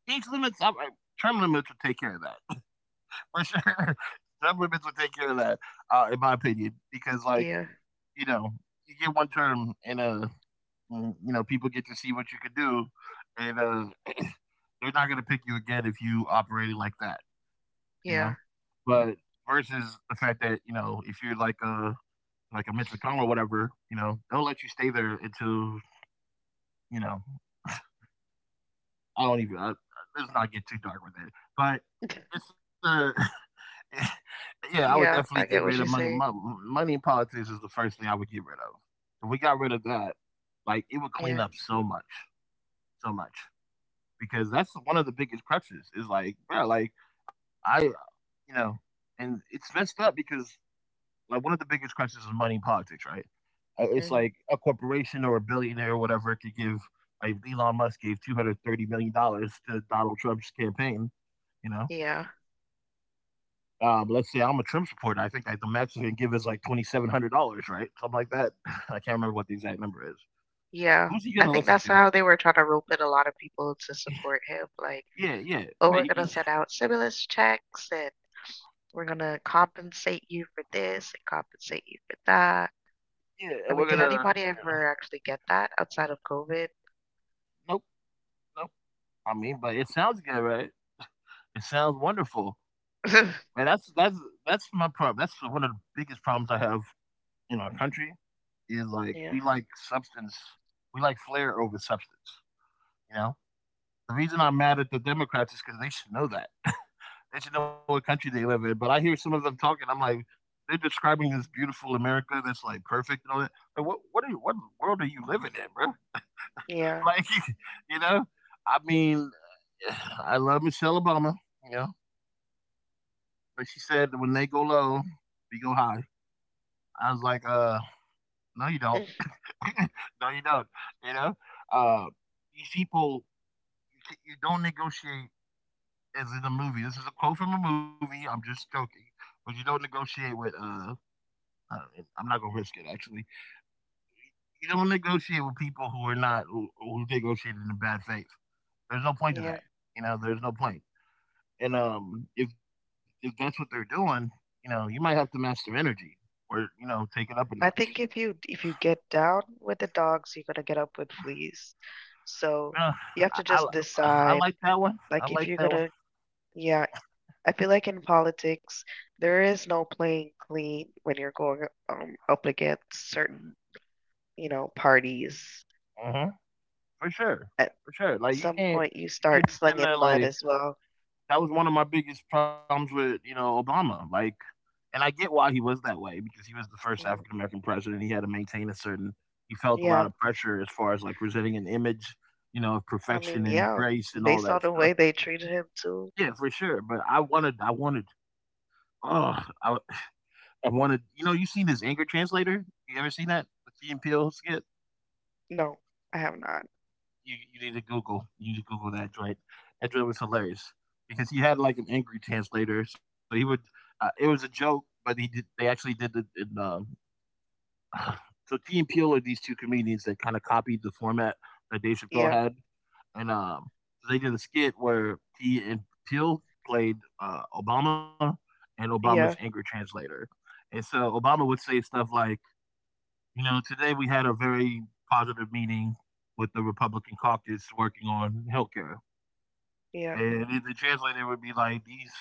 S1: age limits, I, I- term limits would take care of that for sure. Term limits would take care of that, uh, in my opinion, because like
S2: Yeah,
S1: you know, you get one term, and uh, mm, you know, people get to see what you can do, and uh, they're not going to pick you again if you operated like that, you know.
S2: yeah,
S1: But versus the fact that you know, if you're like a like a Mitch McConnell or whatever, you know, they'll let you stay there until you know. I don't even. I, let's not get too dark with it, but it's a yeah, I would definitely
S2: yeah.
S1: get
S2: I
S1: rid
S2: get
S1: of
S2: what you
S1: money.
S2: say.
S1: Mo- Money in politics is the first thing I would get rid of. If we got rid of that, like it would clean
S2: Yeah,
S1: up so much, so much. Because that's one of the biggest crutches. Is like, bro, like I, uh, you know, and it's messed up because like one of the biggest crutches is money in politics, right? Uh, It's like
S2: hmm,
S1: a corporation or a billionaire or whatever could give. Like Elon Musk gave two hundred thirty million dollars to Donald Trump's campaign, you know.
S2: yeah,
S1: Um, let's say I'm a trim supporter. I think like the max he's gonna give is like twenty seven hundred dollars, right? Something like that. I can't remember what the exact number is.
S2: yeah. I
S1: Who's he
S2: think
S1: gonna
S2: that's
S1: listen
S2: how they
S1: to?
S2: were trying to rope in a lot of people to support him. Like,
S1: Yeah,
S2: but
S1: yeah,
S2: we're going
S1: but
S2: to send
S1: he-
S2: out stimulus checks and we're going to compensate you for this and compensate you for that.
S1: yeah, and
S2: I
S1: we're
S2: mean, did
S1: gonna
S2: anybody
S1: yeah.
S2: ever actually get that outside of COVID?
S1: Nope, nope. I mean, but it sounds good, right? It sounds wonderful, and that's that's that's my problem. That's one of the biggest problems I have in our country is like we
S2: Yeah.
S1: like substance, we like flair over substance. You know, the reason I'm mad at the Democrats is because they should know that. They should know what country they live in. But I hear some of them talking. I'm like, they're describing this beautiful America that's like perfect and all that. But what what are you, what world are you living in, bro?
S2: Yeah.
S1: Like, you know, I mean, I love Michelle Obama, you know, but she said when they go low, we go high. I was like, uh, no, you don't. No, you don't. You know, uh, these people, you, you don't negotiate as in a movie. This is a quote from a movie. I'm just joking, but you don't negotiate with uh Uh, I'm not gonna risk it. Actually, you don't negotiate with people who are not who, who negotiated in bad faith. There's no point to
S2: Yeah.
S1: that. You know, there's no point. And um, if if that's what they're doing, you know, you might have to master energy or you know take it up a notch.
S2: I think if you if you get down with the dogs, you're gonna get up with fleas.
S1: You
S2: So
S1: know,
S2: you
S1: I,
S2: have to
S1: I
S2: just
S1: I
S2: decide,
S1: like that one. I
S2: like if
S1: like
S2: you're
S1: that one.
S2: gonna, yeah, I feel like in politics, there is no playing clean when you're going, um, up against certain, you know, parties.
S1: Uh-huh. For sure.
S2: Uh,
S1: For sure. Like you
S2: some
S1: can't
S2: point you
S1: you can't
S2: start
S1: be sitting there
S2: slinging mud
S1: like
S2: as well.
S1: that was one of my biggest problems with, you know, Obama, like and I get why he was that way because he was the first African
S2: Mm,
S1: American president. He had to maintain a certain he felt a lot
S2: yeah,
S1: of pressure as far as, like, presenting an image, you know, of
S2: I
S1: perfection
S2: mean,
S1: and
S2: yeah,
S1: grace and all
S2: based
S1: that
S2: on the
S1: stuff.
S2: way they treated him too.
S1: Yeah, for sure, but I wanted I wanted oh, I I wanted you know, you seen this anger translator? You ever seen that? The Key and Peele skit?
S2: No, I have not.
S1: You, you need to Google. You need to Google that joint. That joint was hilarious because he had like an angry translator. So he would. Uh, it was a joke, but he did. They actually did it in. Um, so T and Peel are these two comedians that kind of copied the format that Dave Chappelle
S2: Yeah,
S1: had, and um, so they did a skit where T and Peel played uh, Obama and Obama's angry
S2: yeah,
S1: translator, and so Obama would say stuff like, you know, today we had a very positive meeting with the Republican caucus working on healthcare,
S2: yeah,
S1: and the translator would be like, "These,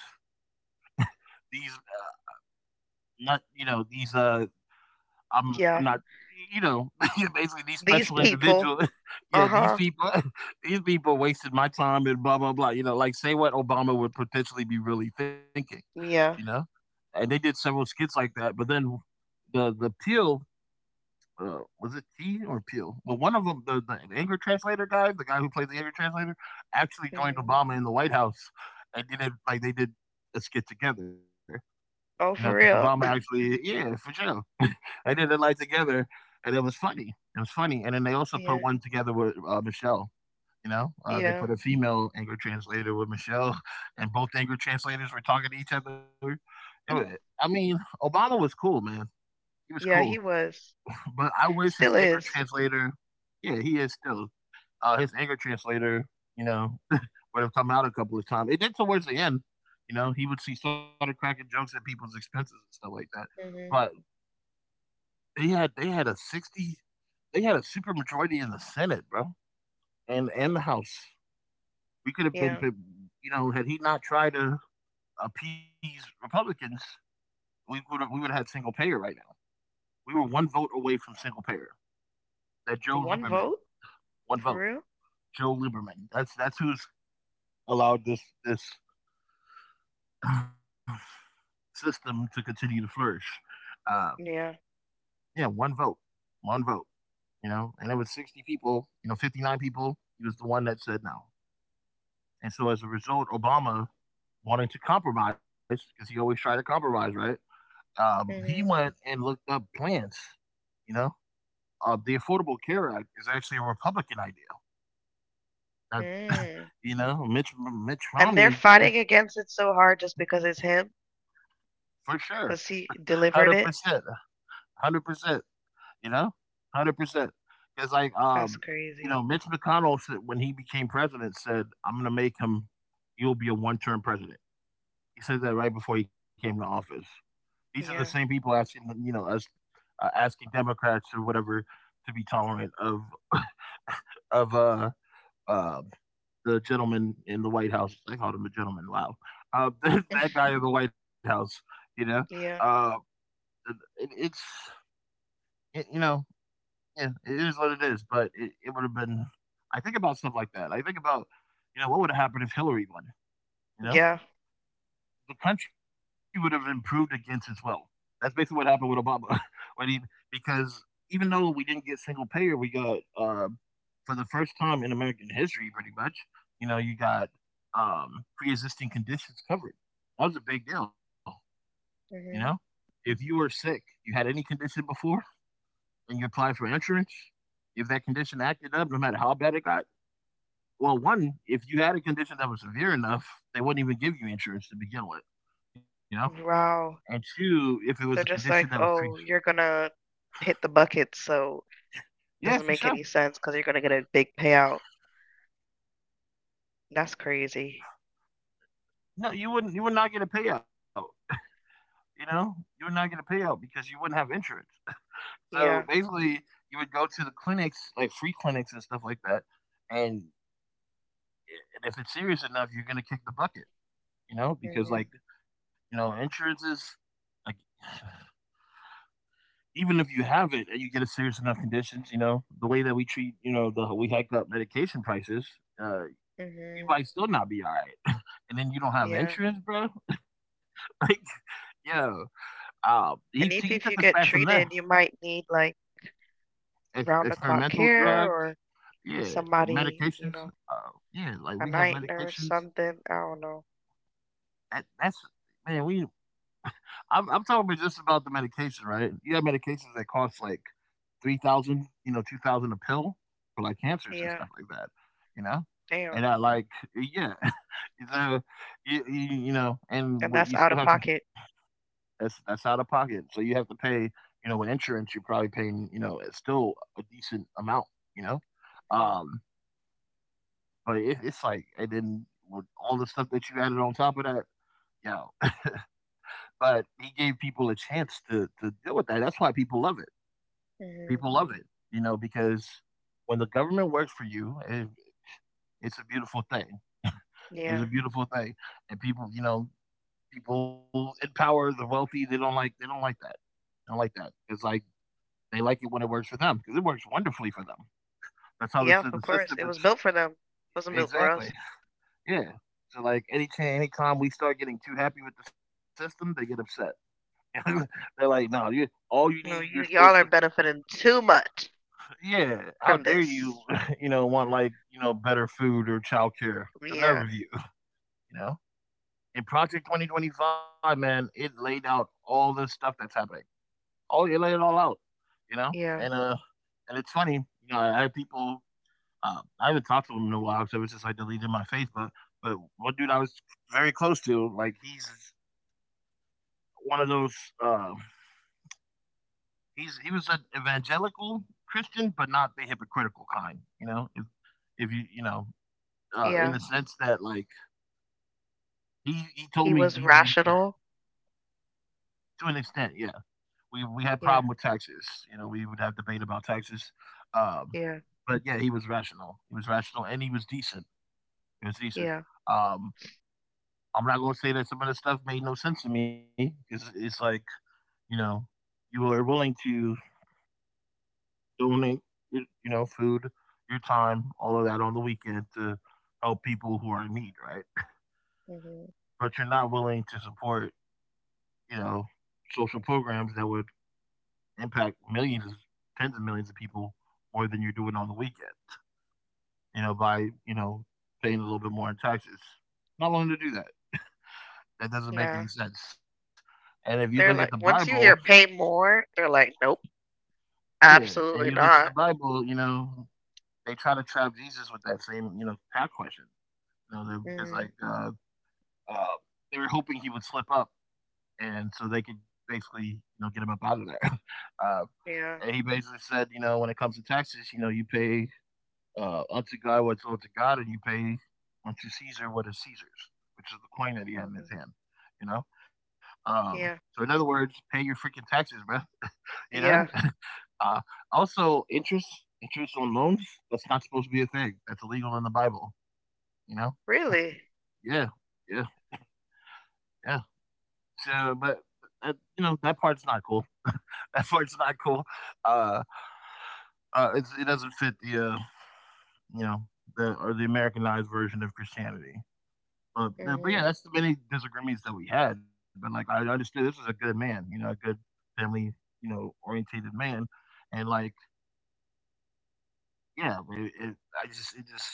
S1: these, uh, not you know, these, uh, I'm, I'm
S2: yeah.
S1: not." You know, basically these special
S2: These people.
S1: individuals.
S2: Uh
S1: Yeah, these
S2: huh.
S1: people, these people wasted my time and blah blah blah. You know, like say what Obama would potentially be really thinking, you know,
S2: Yeah.
S1: and they did several skits like that. But then the the Peel uh, was it T or Peel? Well, one of them, the, the anger translator guy, the guy who played the anger translator, actually joined
S2: Hmm.
S1: Obama in the White House, and did it like they did a skit together. You know, because
S2: Oh, for
S1: Obama
S2: real?
S1: actually, yeah, for sure, they did it like together, and it was funny. It was funny, and then they also put
S2: Yeah,
S1: one together with uh, Michelle. You know, uh, they
S2: yeah,
S1: put a female anger translator with Michelle, and both anger translators were talking to each other. It wa- I mean, Obama was cool, man. He was cool.
S2: yeah. He was,
S1: But I wish his
S2: still
S1: anger
S2: is.
S1: translator Yeah, he is still. Uh, his anger translator, you know, would have come out a couple of times. It did towards the end. You know, he would see started cracking jokes at people's expenses and stuff like that. But
S2: Hmm.
S1: they had they had a sixty they had a super majority in the Senate, bro. And and the House. We could have been
S2: Yeah.
S1: you know, had he not tried to appease Republicans, we would have we would have had single payer right now. We were one vote away from single payer. That Joe
S2: One
S1: Lieberman,
S2: vote
S1: One
S2: for
S1: vote.
S2: real?
S1: Joe Lieberman. That's that's who's allowed this this system to continue to flourish. Uh,
S2: Yeah.
S1: yeah, one vote, one vote. You know, and it was sixty people. You know, fifty-nine people. He was the one that said no, and so as a result, Obama, wanting to compromise because he always tried to compromise, right? Um, he
S2: Hmm.
S1: went and looked up plans. You know, uh, the Affordable Care Act is actually a Republican idea. Uh,
S2: Mm.
S1: you know, Mitch Mitch
S2: And they're
S1: Romney, eh,
S2: fighting against it so hard just because it's him,
S1: for sure,
S2: because he
S1: one hundred
S2: delivered
S1: percent,
S2: it.
S1: one hundred percent. You know, one hundred percent. It's like, um,
S2: That's
S1: you know,
S2: crazy.
S1: Mitch McConnell said when he became president said, "I'm going to make him. You'll be a one-term president." He said that right before he came to office. These are the same
S2: Yeah.
S1: people asking, you know, us uh, asking Democrats or whatever to be tolerant of of uh, uh the gentleman in the White House. They called him a gentleman. Wow, uh, that guy in the White House. You know, uh,
S2: Yeah.
S1: it, it's it, you know Yeah, it is what it is, but it, it would have been. I think about stuff like that. I think about, you know, what would have happened if Hillary won? You know,
S2: Yeah.
S1: the country would have improved against its will. That's basically what happened with Obama, when he because even though we didn't get single payer, we got uh, for the first time in American history, pretty much. You know, you got um, pre-existing conditions covered. That was a big deal. You know,
S2: Hmm.
S1: if you were sick, you had any condition before and you apply for insurance, if that condition acted up, no matter how bad it got, well, one, if you had a condition that was severe enough, they wouldn't even give you insurance to begin with, you know. And
S2: Wow.
S1: two, if it was a
S2: They're
S1: condition
S2: just
S1: that was
S2: like,
S1: treated,
S2: oh, you're gonna hit the bucket, so
S1: yeah, for
S2: doesn't make
S1: sure,
S2: any sense because you're gonna get a big payout. That's crazy.
S1: no, you wouldn't, you would not get a payout, you know, you would not get a payout because you wouldn't have insurance. So
S2: Yeah.
S1: basically, you would go to the clinics, like free clinics and stuff like that, and if it's serious enough, you're gonna kick the bucket, you know, because
S2: Hmm.
S1: like, you know, insurance is like even if you have it and you get a serious enough conditions, you know, the way that we treat, you know, the we hike up medication prices, uh, you
S2: Hmm.
S1: might still not be all right. And then you don't have
S2: Yeah.
S1: insurance, bro. Like, yo, uh, he
S2: And
S1: he took
S2: if,
S1: us
S2: if you
S1: back
S2: get
S1: from that
S2: treated, you might need like
S1: ex-
S2: round the clock
S1: experimental
S2: care
S1: drugs,
S2: or
S1: yeah,
S2: somebody, you
S1: medications,
S2: know,
S1: uh, yeah, like
S2: a
S1: we have
S2: night nurse,
S1: medications.
S2: something. I don't know.
S1: That that's man, we I'm I'm talking about just about the medication, right? You have medications that cost like three thousand, you know, two thousand a pill for like cancers
S2: Yeah.
S1: and stuff like that, you know?
S2: Damn.
S1: And I like, yeah. So, you, you, you know, and
S2: And
S1: what
S2: that's
S1: you
S2: out
S1: still
S2: of
S1: have to,
S2: pocket.
S1: that's, that's out of pocket. So you have to pay, you know, with insurance, you're probably paying, you know, it's still a decent amount, you know?
S2: Mhm,
S1: Um, but it, it's like, and then with all the stuff that you added on top of that, yeah. But he gave people a chance to, to deal with that. That's why people love it people
S2: mhm.
S1: love it, you know, because when the government works for you, it, it's a beautiful thing. It's
S2: Yeah.
S1: a beautiful thing, and people, you know, people in power, the wealthy, they don't like they don't like that. They don't like that. It's like they like it when it works for them because it works wonderfully for them. That's how this
S2: Yeah, of
S1: the
S2: course.
S1: system
S2: It
S1: is
S2: was built for them. Wasn't built for us.
S1: exactly. Yeah. So like any cha- any time we start getting too happy with the system, they get upset. They're like, no, you all you need, you're
S2: No, you
S1: supposed to
S2: y'all are benefiting too much
S1: yeah, how
S2: from
S1: dare you,
S2: this.
S1: you know, want like, you know, better food or childcare? The nerve
S2: Yeah.
S1: of you, you know? In Project twenty twenty-five, man, it laid out all the stuff that's happening. All it laid it all out, you know? And
S2: Yeah.
S1: uh and it's funny, you know, I, I had people uh, I haven't talked to them in a while, so it's just like deleted my face, but but one dude I was very close to, like he's one of those uh he's he was an evangelical Christian, but not the hypocritical kind, you know? If if you you know Uh, in
S2: Yeah.
S1: the sense that, like, he he
S2: He
S1: told me
S2: was
S1: he, we
S2: rational.
S1: to an extent, yeah, we we had problem with
S2: Yeah.
S1: taxes. You know, we would have debate about taxes. Um,
S2: Yeah.
S1: but yeah, he was rational. He was rational, and he was decent. He was decent.
S2: Yeah.
S1: Um, I'm not going to say that some of the stuff made no sense to me because it's like you know, you are willing to donate, you know, food, your time, all of that on the weekend to help people who are in need, right?
S2: Mhm.
S1: But you're not willing to support, you know, social programs that would impact millions, tens of millions of people more than you're doing on the weekend, you know, by, you know, paying a little bit more in taxes. Not willing to do that. That doesn't make any
S2: Nah.
S1: sense. And if you look at the
S2: They're like
S1: Bible,
S2: once you hear pay more, they're like, nope,
S1: yeah, and you look
S2: absolutely
S1: at the
S2: not.
S1: Bible, you know, they try to trap Jesus with that same, you know, tax question, you know, they're- because like
S2: Mhm,
S1: uh, uh, they were hoping he would slip up, and so they could basically, you know, get him up out of there. Uh, and
S2: yeah,
S1: he basically said, you know, when it comes to taxes, you know, you pay uh, unto God what's owed to God, and you pay unto Caesar what is Caesar's, which is the coin that he
S2: mhm,
S1: had in his hand. You know, um,
S2: yeah.
S1: so in other words, pay your freaking taxes, bro. You
S2: Yeah.
S1: know, uh, also interest, interest on loans, that's not supposed to be a thing. That's illegal in the Bible. You know,
S2: Really?
S1: yeah, yeah, yeah. So, but. That, you know that part's not cool. That part's not cool. Uh, uh, it's, it doesn't fit the uh, you know, the or the Americanized version of Christianity. But, uh, but yeah,
S2: Mhm,
S1: that's the many disagreements that we had. But like I understood, this was a good man, you know, a good family, you know, orientated man, and like yeah, it, it, I just it just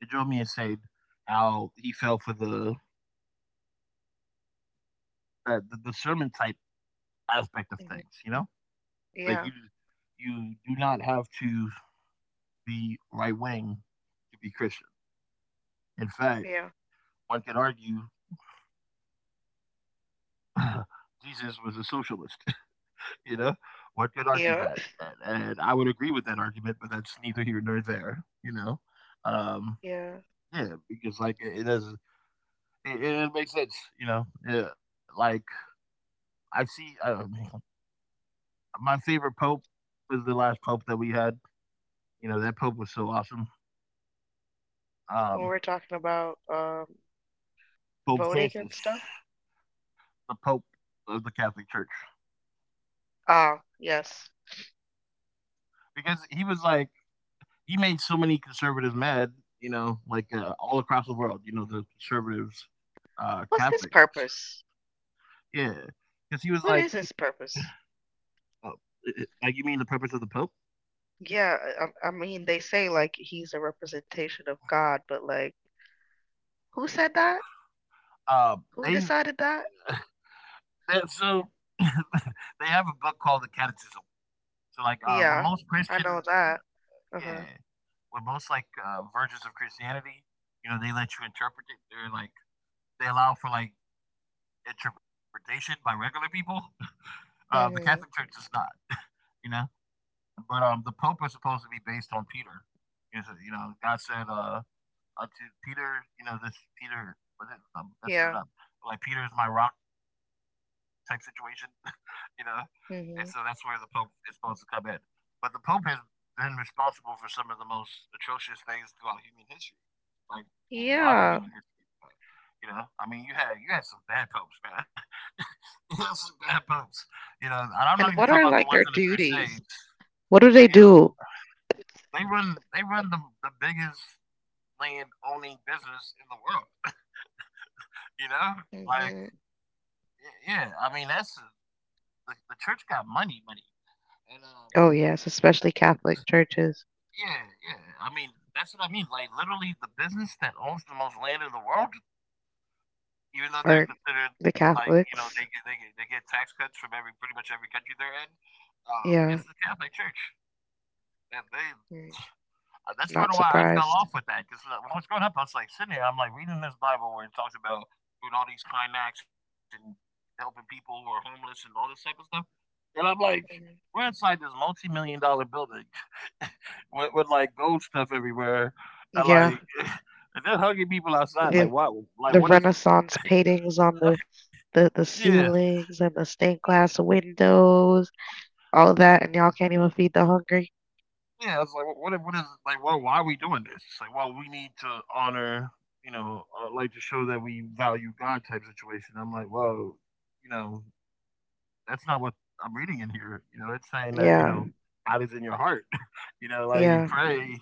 S1: it drove me insane how he fell for the uh, the, the sermon type aspect of things,
S2: mhm.
S1: you know, like you
S2: Yeah.
S1: you do not have to be right wing to be Christian. In fact,
S2: Yeah.
S1: one could argue Jesus was a socialist. You know, one could argue that,
S2: Yeah.
S1: and, and I would agree with that argument, but that's neither here nor there. You know, um,
S2: Yeah.
S1: yeah, because like it, it does, it, it makes sense. You know, yeah, like I see um, my favorite pope was the last pope that we had. You know, that pope was so awesome.
S2: When
S1: Um,
S2: we're talking about um,
S1: Pope
S2: voting and
S1: Francis,
S2: stuff.
S1: the Pope of the Catholic Church,
S2: Ah, yes.
S1: because he was like he made so many conservatives mad. You know, like uh, all across the world. You know, the conservatives, uh,
S2: What's his
S1: Catholic.
S2: purpose?
S1: Yeah, because he was like,
S2: What is his purpose?
S1: oh, like you mean the purpose of the Pope?
S2: Yeah, I, I mean, they say like he's a representation of God, but like, who said that?
S1: Uh,
S2: Who
S1: they
S2: decided that?
S1: that so They have a book called the Catechism. So like uh, when
S2: Yeah,
S1: most
S2: I
S1: Christian,
S2: know
S1: you know,
S2: that. Uh-huh.
S1: yeah, when most like uh, versions of Christianity, you know, they let you interpret it. They're like they allow for like interpretation by regular people. Uh, the Catholic Church
S2: Mm-hmm.
S1: does not, you know. But um, the Pope is supposed to be based on Peter. You know, so, you know God said, uh, unto Peter, you know, this Peter, was it, I'm messing it
S2: Yeah.
S1: up. Like, Peter is my rock type situation, you know? And so that's where the Pope is
S2: Mm-hmm.
S1: supposed to come in. But the Pope has been responsible for some of the most atrocious things throughout human history, like modern human history.
S2: Yeah.
S1: You know, I mean, you had you had some bad popes, man. You had some bad popes. You know, and I'm not even talking
S2: And
S1: about
S2: what
S1: the
S2: are
S1: ones in the
S2: like their
S1: Crusades.
S2: duties? What do
S1: You know,
S2: they do?
S1: they run they run the the biggest land owning business in the world. You know, like
S2: Mm-hmm.
S1: yeah. Yeah, I mean, that's the, the church got money, money, and um,
S2: Oh, yes, especially Catholic churches
S1: yeah, yeah. I mean, that's what I mean. Like literally, the business that owns the most land in the world, even though they're
S2: or
S1: considered
S2: the
S1: like you know they get they
S2: Catholics.
S1: get, they get tax cuts from every pretty much every country they're in. Um, it's the
S2: Yeah.
S1: Catholic Church, and they. uh, That's part of
S2: Not
S1: why I fell off
S2: surprised.
S1: with that. Because when I was growing up, I was like sitting there, I'm like reading this Bible where it talks about doing all these climax and helping people who are homeless and all this type of stuff. And I'm like, we're
S2: Mhm.
S1: inside this multi-million dollar building with, with like gold stuff everywhere, and
S2: Yeah,
S1: like, and they're hugging people outside. Like,
S2: the
S1: why? Like,
S2: the
S1: what is?
S2: Renaissance paintings on the, the the
S1: Yeah,
S2: ceilings and the stained
S1: yeah.
S2: glass windows, all that, and y'all can't even feed the hungry.
S1: yeah. I was like, what? What what is? Like, well, why are we doing this? It's like, well, we need to honor, you know, uh, like to show that we value God type situation. I'm like, well, you know, that's not what I'm reading in here. You know, it's saying that you
S2: Yeah,
S1: know God is in your heart. You know, like you
S2: yeah,
S1: pray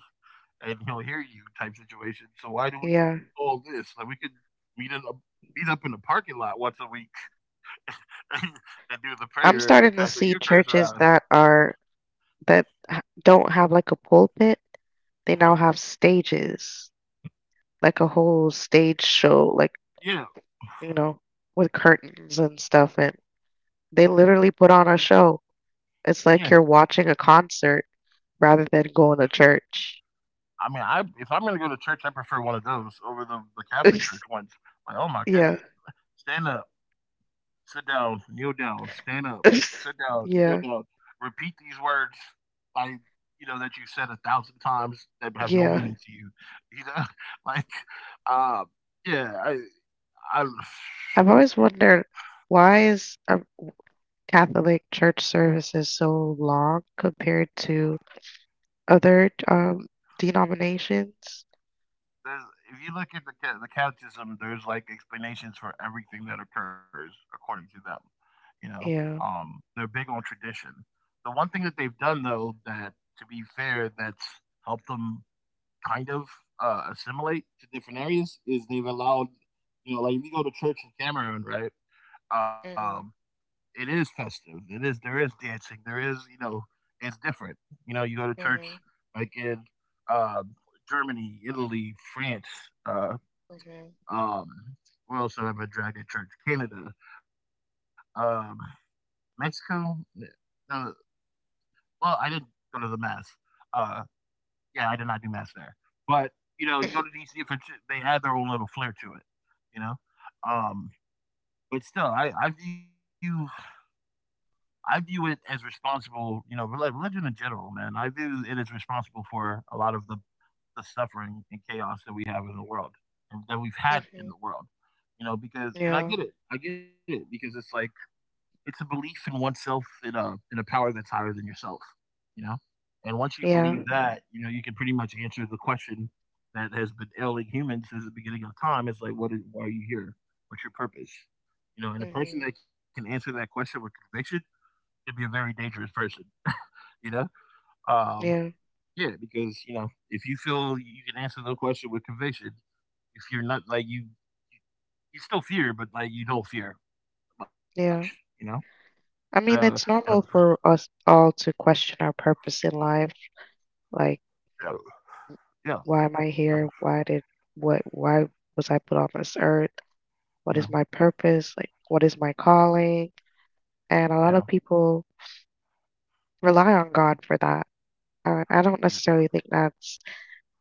S1: and he'll hear you type situation. So why do we
S2: yeah.
S1: do all this? Like we could meet in a, meet up in the parking lot once a week and, and do the prayer
S2: I'm
S1: and pass
S2: starting
S1: the
S2: to see
S1: Eucharist around.
S2: churches that are that h- don't have like a pulpit. They
S1: Uh-huh.
S2: now have stages, like a whole stage show, like,
S1: Yeah,
S2: you know, with curtains and stuff, and they literally put on a show. It's
S1: yeah.
S2: like you're watching a concert rather than going to church.
S1: I mean, I if I'm gonna go to church, I prefer one of those over the the Catholic church ones. Like, oh my
S2: Yeah.
S1: goodness, stand up, sit down, kneel down, stand up, sit down, kneel
S2: Yeah.
S1: down. Repeat these words like you know that you said a thousand times that have no
S2: Yeah.
S1: meaning to you. You know, like um, yeah, I I
S2: I've always wondered why is um, Catholic church services so long compared to other um, denominations?
S1: there's if you look at the ca- the catechism, there's like explanations for everything that occurs according to them. You know,
S2: Yeah.
S1: um, they're big on tradition. The one thing that they've done though that, to be fair, that's helped them kind of uh, assimilate to different areas is they've allowed, you know, like if you go to church in Cameroon, right? Um,
S2: Mhm.
S1: it is festive. It is there is dancing. There is you know it's different. You know, you go to church
S2: Mhm.
S1: like in uh, Germany, Italy, France. Uh,
S2: Mhm.
S1: um, where else have I been dragged to church? Canada, um, Mexico. No, well, I didn't go to the mass. Uh, yeah, I did not do math there. But you know, you go to D C for they add their own little flair to it. You know, um, but still, I, I view I view it as responsible. You know, religion in general, man. I view it as responsible for a lot of the the suffering and chaos that we have in the world and that we've had in
S2: Mhm.
S1: the world. You know, because and I
S2: Yeah.
S1: get it, I get it because it's like it's a belief in oneself in a in a power that's higher than yourself, you know? And once you believe
S2: Yeah.
S1: that, you know, you can pretty much answer the question that has been ailing humans since the beginning of time. It's like, what is, why are you here? What's your purpose? You know, and a person
S2: Mhm.
S1: that can answer that question with conviction can be a very dangerous person, you know? Um,
S2: Yeah.
S1: yeah, because, you know, if you feel you can answer the question with conviction, if you're not like you, you still fear, but like you don't fear much, you
S2: Yeah.
S1: know? So,
S2: I mean,
S1: and
S2: it's normal for us all to question our purpose in life. Like,
S1: a, yeah.
S2: why am I
S1: Uh,
S2: here? Why did what why was I put on this earth? What is
S1: Yeah,
S2: my purpose? Like, what is my calling? And
S1: yeah,
S2: a lot of people rely on God for that. And I don't
S1: y-
S2: necessarily think that's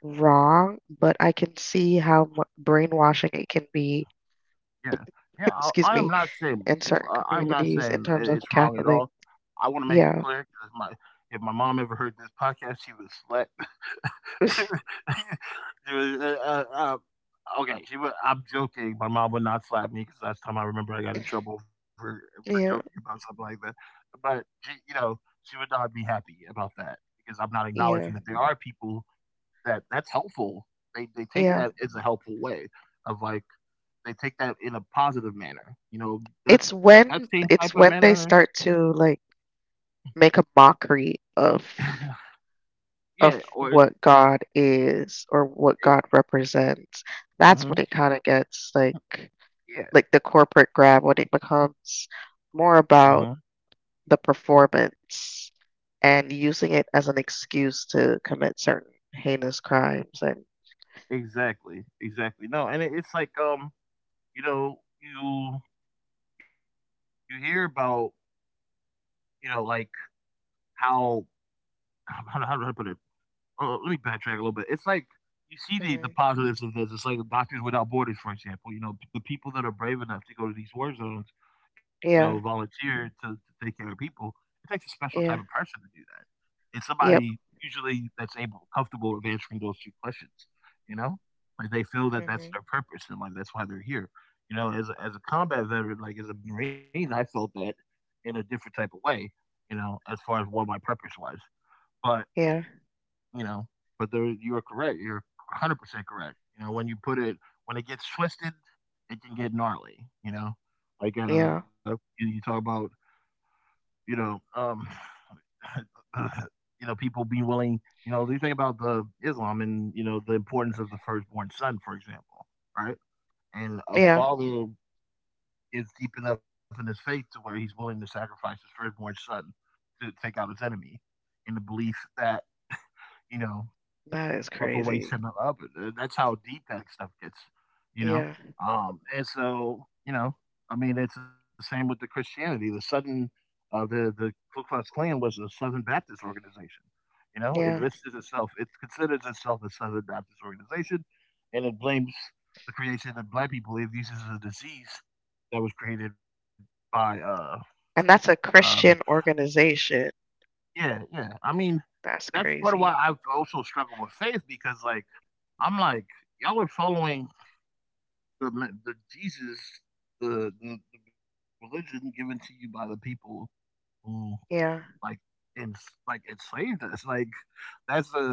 S2: wrong, but I can see how mu- brainwashing it can be,
S1: yeah, yeah. I,
S2: excuse
S1: I am
S2: me,
S1: not saying
S2: in
S1: uh,
S2: certain
S1: I'm not saying i-
S2: communities in
S1: it's
S2: terms of
S1: wrong at all.
S2: Catholic.
S1: I want to make it
S2: Yeah.
S1: clear 'cause my if my mom ever heard this podcast, she would slap. She would, uh, uh, uh, okay, she would. I'm joking. My mom would not slap me because last time I remember, I got in trouble for for joking
S2: Yeah.
S1: about something like that. But she, you know, she would not be happy about that because I'm not acknowledging
S2: Yeah.
S1: that there are people that that's helpful. They they take
S2: Yeah.
S1: that as a helpful way of like they take that in a positive manner. You know, that
S2: It's
S1: that same
S2: when
S1: type of
S2: it's
S1: manner.
S2: when they start to like make a mockery of
S1: Yeah,
S2: of
S1: or it's
S2: what God is or what
S1: it,
S2: God represents. That's
S1: hmm
S2: when it kind of gets like
S1: yeah,
S2: like the corporate grab when it becomes more
S1: hmm
S2: about the performance and using it as an excuse to commit certain heinous crimes and
S1: exactly, exactly. No, and it, it's like um, you know, you you hear about you know like how how how to put it uh, let me backtrack a little bit. It's like you see
S2: hmm,
S1: the the positives of this. It's like Doctors Without Borders, for example. You know, p- the people that are brave enough to go to these war zones, you
S2: yeah,
S1: know, volunteer to, to take care of people. It takes a special type
S2: yeah,
S1: of person to do that. It's
S2: yep,
S1: somebody usually that's able, comfortable of answering those two questions. You know, like they feel that that's
S2: hmm,
S1: their purpose and like that's why they're here. You know, as a, as a combat veteran, like as a Marine, I felt that in a different type of way. You know, as far as what my purpose was, but
S2: yeah,
S1: you know. But there, you are correct. You're one hundred percent correct. You know, when you put it, when it gets twisted, it can get gnarly. You know, like uh, you,
S2: yeah,
S1: you talk about, you know, um, uh, you know, people being willing. You know, you think about the Islam and you know the importance of the firstborn son, for example, right? And a
S2: yeah.
S1: father is deep enough in his faith to where he's willing to sacrifice his firstborn son to take out his enemy, in the belief that you know
S2: That is
S1: stuff away
S2: crazy.
S1: similar, but that's how deep that stuff gets, you know?
S2: Yeah,
S1: Um, and so, you know, I mean, it's the same with the Christianity. The Southern, uh, the the Ku Klux Klan was a Southern Baptist organization. You know, it
S2: yeah.
S1: listed itself, it considers itself a Southern Baptist organization, and it blames the creation that black people believe this is a disease that was created by, uh,
S2: And that's a
S1: um,
S2: Christian organization.
S1: yeah, yeah. I mean, that's
S2: That's
S1: part of why I
S2: crazy.
S1: also struggle with faith because, like, I'm like, y'all are following the the Jesus, the, the the religion given to you by the people who like
S2: Yeah,
S1: and like enslaved us. Like that's a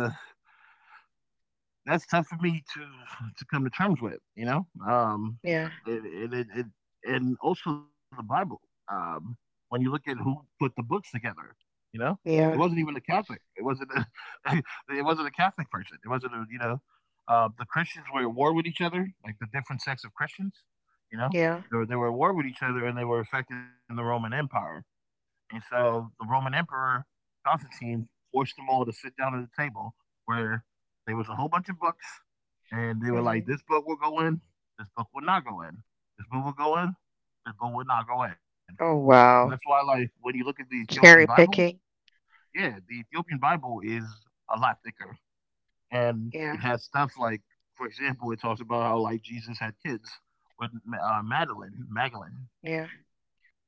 S1: that's tough for me to to come to terms with, you know. Um,
S2: yeah,
S1: and, and, and, and also the Bible. Um, when you look at who put the books together, you know, it wasn't
S2: yeah.
S1: even a Catholic. It wasn't a it wasn't a Catholic person. It wasn't a you know, uh, the Christians were at war with each other, like the different sects of Christians. You know,
S2: Yeah.
S1: they were they were at war with each other, and they were affecting the Roman Empire. And so the Roman Emperor Constantine forced them all to sit down at a table where there was a whole bunch of books, and they were like,
S2: Hmm.
S1: "This book will go in. This book will not go in. This book will go in. This book will not go in."
S2: Oh
S1: And that's why,
S2: wow.
S1: like, when you look at the Ethiopian
S2: Cherry
S1: Bible,
S2: picking.
S1: yeah, the Ethiopian Bible is a lot thicker, and it
S2: Yeah.
S1: has stuff like, for example, it talks about how like Jesus had kids with uh, Madeline, Magdalene,
S2: Yeah.
S1: you know,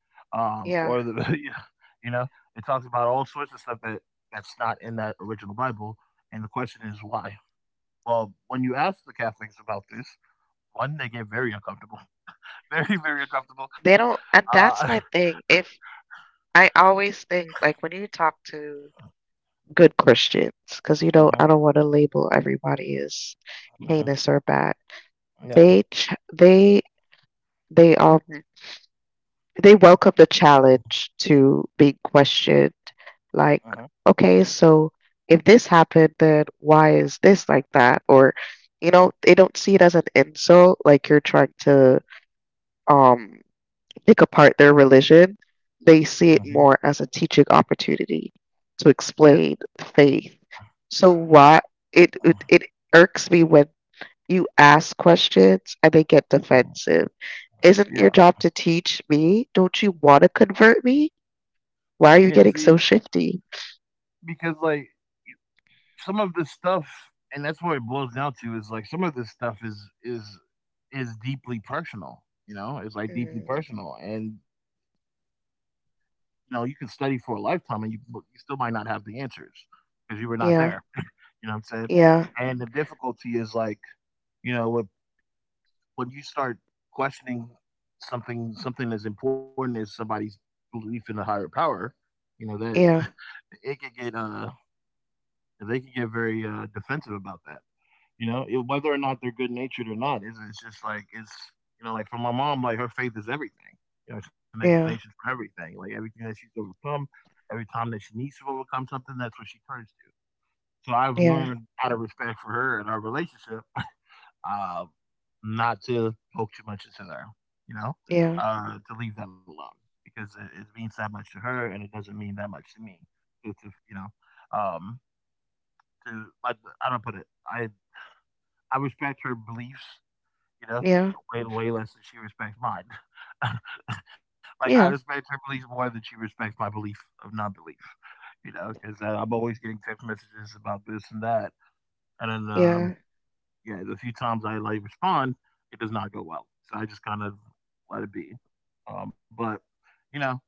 S1: um, or the
S2: Yeah.
S1: you know it talks about all sorts of stuff that that's not in that original Bible, and the question is why. Well, when you ask the Catholics about this, one they get very uncomfortable, very very uncomfortable.
S2: They don't, and
S1: Uh,
S2: that's my thing. If I always think like when you talk to good Christians, because you know
S1: hmm
S2: I don't want to label everybody as
S1: hmm
S2: heinous or bad.
S1: yeah,
S2: They ch they they all they welcome the challenge to being questioned like
S1: hmm
S2: okay so if this happened then why is this like that or you know they don't see it as an insult like you're trying to um pick apart their religion, they
S1: hmm
S2: see it more as a teaching opportunity to
S1: yeah,
S2: explain faith. So why it it, it irks me when you ask questions and they get
S1: mhm,
S2: defensive. Isn't your
S1: yeah,
S2: job to teach me? Don't you want to convert me?
S1: yeah.
S2: Why are you
S1: See,
S2: getting so shifty?
S1: because like some of this stuff and that's what it boils down to is like some of this stuff is is is deeply personal you know it's like deeply
S2: Mhm.
S1: personal and you know you can study for a lifetime and you, you still might not have the answers because you were not
S2: Yeah,
S1: there you know what I'm saying.
S2: yeah,
S1: And the difficulty is like you know when, when you start questioning something something as important as somebody's belief in a higher power, you know that
S2: yeah,
S1: it could get uh they can get very uh defensive about that. You know, it, whether or not they're good natured or not, it's, it's just like it's you know, like for my mom, like her faith is everything. You know, it's an
S2: yeah,
S1: explanation for everything. Like everything that she's overcome, every time that she needs to overcome something, that's what she turns to. So I've
S2: yeah,
S1: learned out of respect for her and our relationship, uh, not to poke too much into her. You know,
S2: yeah,
S1: uh, to leave that alone because it, it means that much to her, and it doesn't mean that much to me. To, to you know, um, to I, I don't put it. I I respect her beliefs. You know?
S2: yeah,
S1: Way, way less than she respects mine. Like, I
S2: yeah,
S1: respect her beliefs more than she respects my belief of non-belief, you know, 'cause, uh, I'm always getting text messages about this and that, and then, um,
S2: yeah,
S1: yeah, the few times I, like, respond, it does not go well, so I just kind of let it be. Um, but, you know,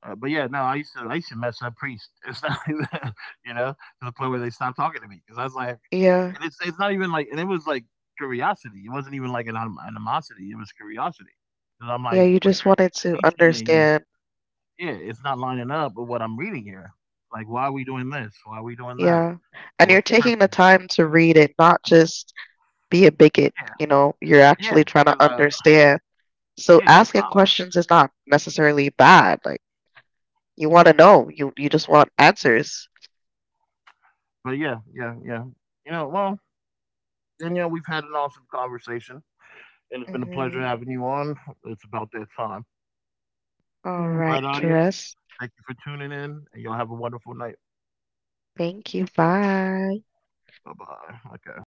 S1: uh, but yeah, no, I used to I used to mess up priests. It's not you know, to the point where they stopped talking to me because I was like,
S2: yeah,
S1: and it's it's not even like, and it was like curiosity. It wasn't even like an anim- animosity. It was curiosity. Because
S2: yeah.
S1: I'm
S2: You
S1: like,
S2: just
S1: what
S2: wanted
S1: you're
S2: to
S1: teaching me,
S2: understand.
S1: yeah, it's not lining up with what I'm reading here. Like, why are we doing this? Why are we doing that?
S2: Yeah. And
S1: And
S2: you're
S1: what's the
S2: taking the
S1: purpose?
S2: time to read it, not just be a bigot. You know, you're
S1: Yeah, yeah,
S2: actually trying to
S1: because uh,
S2: understand. So
S1: yeah,
S2: asking
S1: I,
S2: questions is not necessarily bad. Like you
S1: uh
S2: want to know, you you just want answers.
S1: but yeah, yeah, yeah. You know, well, then you know we've had an awesome conversation and it's been a pleasure
S2: Mhm.
S1: having you on. It's about that time. All right,
S2: All Mhm.
S1: audience,
S2: right,
S1: thank
S2: Therese.
S1: you for tuning in, and y'all have a wonderful night.
S2: Thank you. Bye.
S1: Bye bye. Okay.